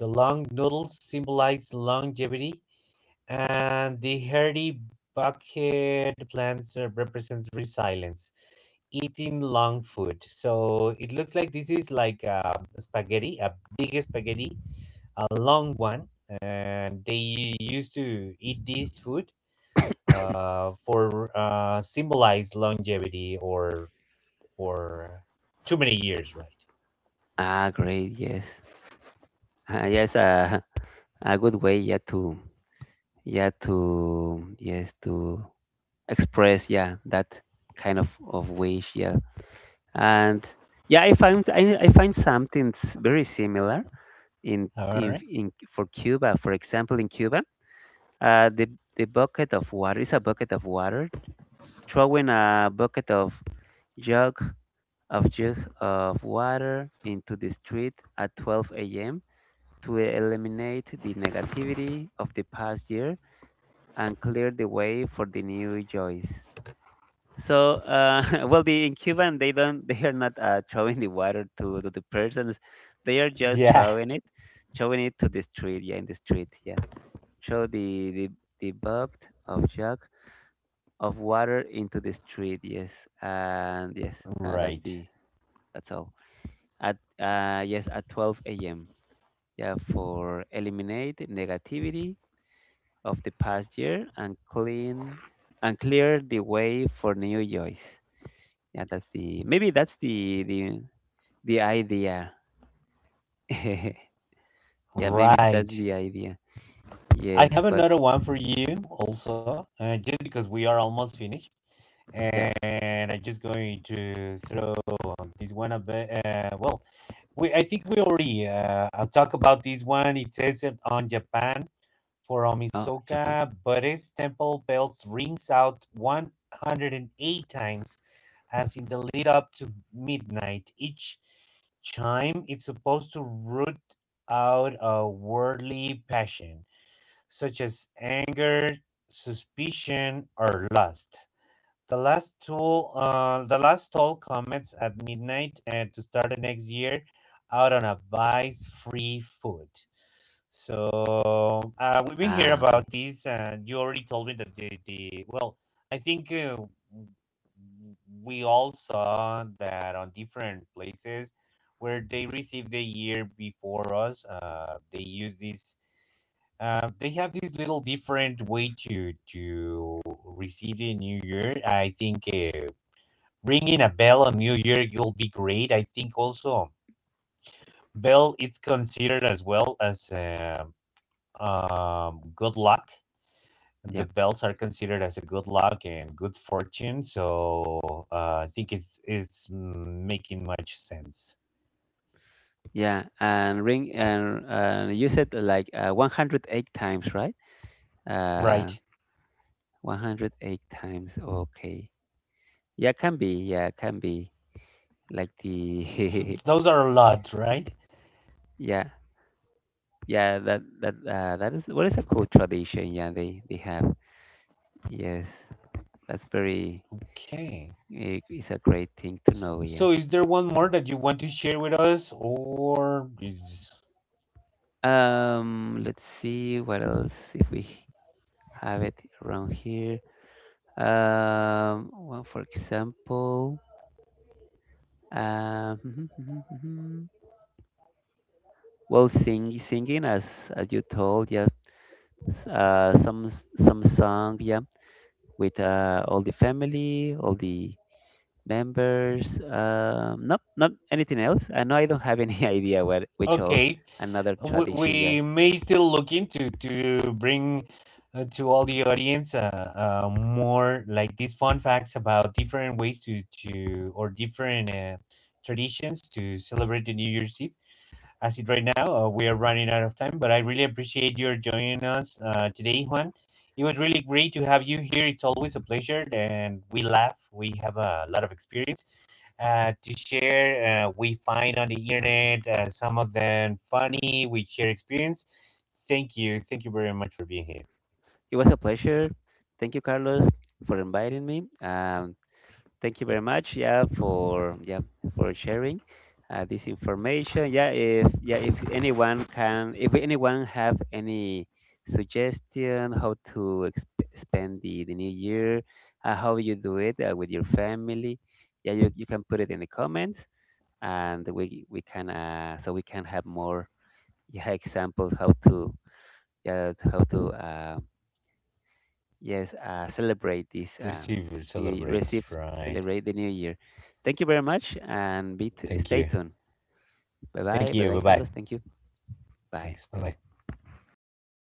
Speaker 1: The long noodles symbolize longevity, and the hairy bucket plants uh, represents resilience, eating long food. So it looks like this is like a spaghetti, a big spaghetti, a long one, and they used to eat this food uh, for uh, symbolize longevity, or or too many years, right?
Speaker 2: Ah, great. Yes. Ah, yes. Uh, a good way. Yeah. To yeah. To yes. To express. Yeah. That kind of of wish. Yeah. And yeah, I found I, I find something s- very similar in
Speaker 1: All
Speaker 2: in
Speaker 1: right.
Speaker 2: in for Cuba. For example, in Cuba, uh, the the bucket of water is a bucket of water. Throwing a bucket of jug of jug of water into the street at twelve a.m. to eliminate the negativity of the past year and clear the way for the new joys. So, uh, well, the in Cuban they don't they are not uh, throwing the water to, to the persons, they are just
Speaker 1: Yeah.
Speaker 2: throwing it, throwing it to the street, yeah, in the street, yeah. Throw the the the bucket of jug of water into the street, yes, and yes, uh, that's
Speaker 1: Right.
Speaker 2: the that's all. At uh, yes, at twelve a m. Yeah, for eliminate negativity of the past year, and clean and clear the way for new joys. Yeah, that's the maybe that's the the the idea. yeah, maybe that's
Speaker 1: Right.
Speaker 2: the idea.
Speaker 1: I
Speaker 2: Yes,
Speaker 1: have
Speaker 2: but
Speaker 1: another one for you also, uh, just because we are almost finished,
Speaker 2: yeah.
Speaker 1: and I'm just going to throw this one a bit. Uh, well, we I think we already uh, talk about this one. It says it on Japan, for
Speaker 2: Oh, Japan.
Speaker 1: Omisoka Buddhist temple bells rings out one hundred eight times, as in the lead up to midnight. Each chime is supposed to root out a worldly passion, such as anger, suspicion, or lust. The last tool, uh, the last toll comments at midnight, and to start the next year out on a vice-free food. So uh, we've been hearing
Speaker 2: Ah, okay.
Speaker 1: about this, and you already told me that the, the well, I think uh, we all saw that on different places where they received the year before us. Uh, they use this um, they have this little different way to to receive the new year. I think uh, ringing a bell on New Year will be great. I think also bell it's considered as well as um, um, good luck. The
Speaker 2: Yeah,
Speaker 1: bells are considered as a good luck and good fortune. So uh, I think it's it's mm, making much sense,
Speaker 2: yeah. And ring and and you said like uh, one hundred eight times, right? Uh,
Speaker 1: right?
Speaker 2: one hundred eight times. Okay. Yeah, can be. Yeah, can be like the
Speaker 1: Those are a lot, right?
Speaker 2: yeah. Yeah, that that uh, that is what is a cool tradition. Yeah, they they have. Yes, that's very.
Speaker 1: Okay.
Speaker 2: It is a great thing to
Speaker 1: S-
Speaker 2: know. Yeah.
Speaker 1: So, is there one more that you want to share with us, or is,
Speaker 2: Um, let's see what else if we have it around here. Um, well, for example, um, well, sing, singing as as you told, yeah, s- uh, some s- some song, yeah, with uh, all the family, all the members, um, nope, not anything else. I know I don't have any idea what which old
Speaker 1: okay?
Speaker 2: another
Speaker 1: We,
Speaker 2: tradition. Yeah,
Speaker 1: we may still look into to bring uh, to all the audience, uh, uh, more like these fun facts about different ways to to or different uh, traditions to celebrate the New Year's Eve. As it right now, uh, we are running out of time, but I really appreciate your joining us uh, today, Juan. It was really great to have you here. It's always a pleasure, and we laugh, we have a lot of experience uh, to share. Uh, we find on the internet uh, some of them funny, we share experience. Thank you thank you very much for being here.
Speaker 2: it was a pleasure. Thank you, Carlos, for inviting me. Um, thank you very much. Yeah, for yeah for sharing uh, this information. Yeah, if yeah if anyone can if anyone have any suggestion how to exp- spend the, the new year, uh, how you do it uh, with your family. Yeah, you, you can put it in the comments, and we we can uh, so we can have more yeah, examples how to yeah how to uh, yes uh, celebrate this uh,
Speaker 1: Receive,
Speaker 2: new Year-
Speaker 1: celebrate,
Speaker 2: receive
Speaker 1: right.
Speaker 2: celebrate the new year. Thank you very much and be t-
Speaker 1: Thank
Speaker 2: stay
Speaker 1: you.
Speaker 2: tuned. Bye
Speaker 1: Thank
Speaker 2: bye bye
Speaker 1: you
Speaker 2: bye
Speaker 1: bye-bye.
Speaker 2: Carlos. Thank you. Bye
Speaker 1: Thanks,
Speaker 2: bye bye.
Speaker 1: bye-bye.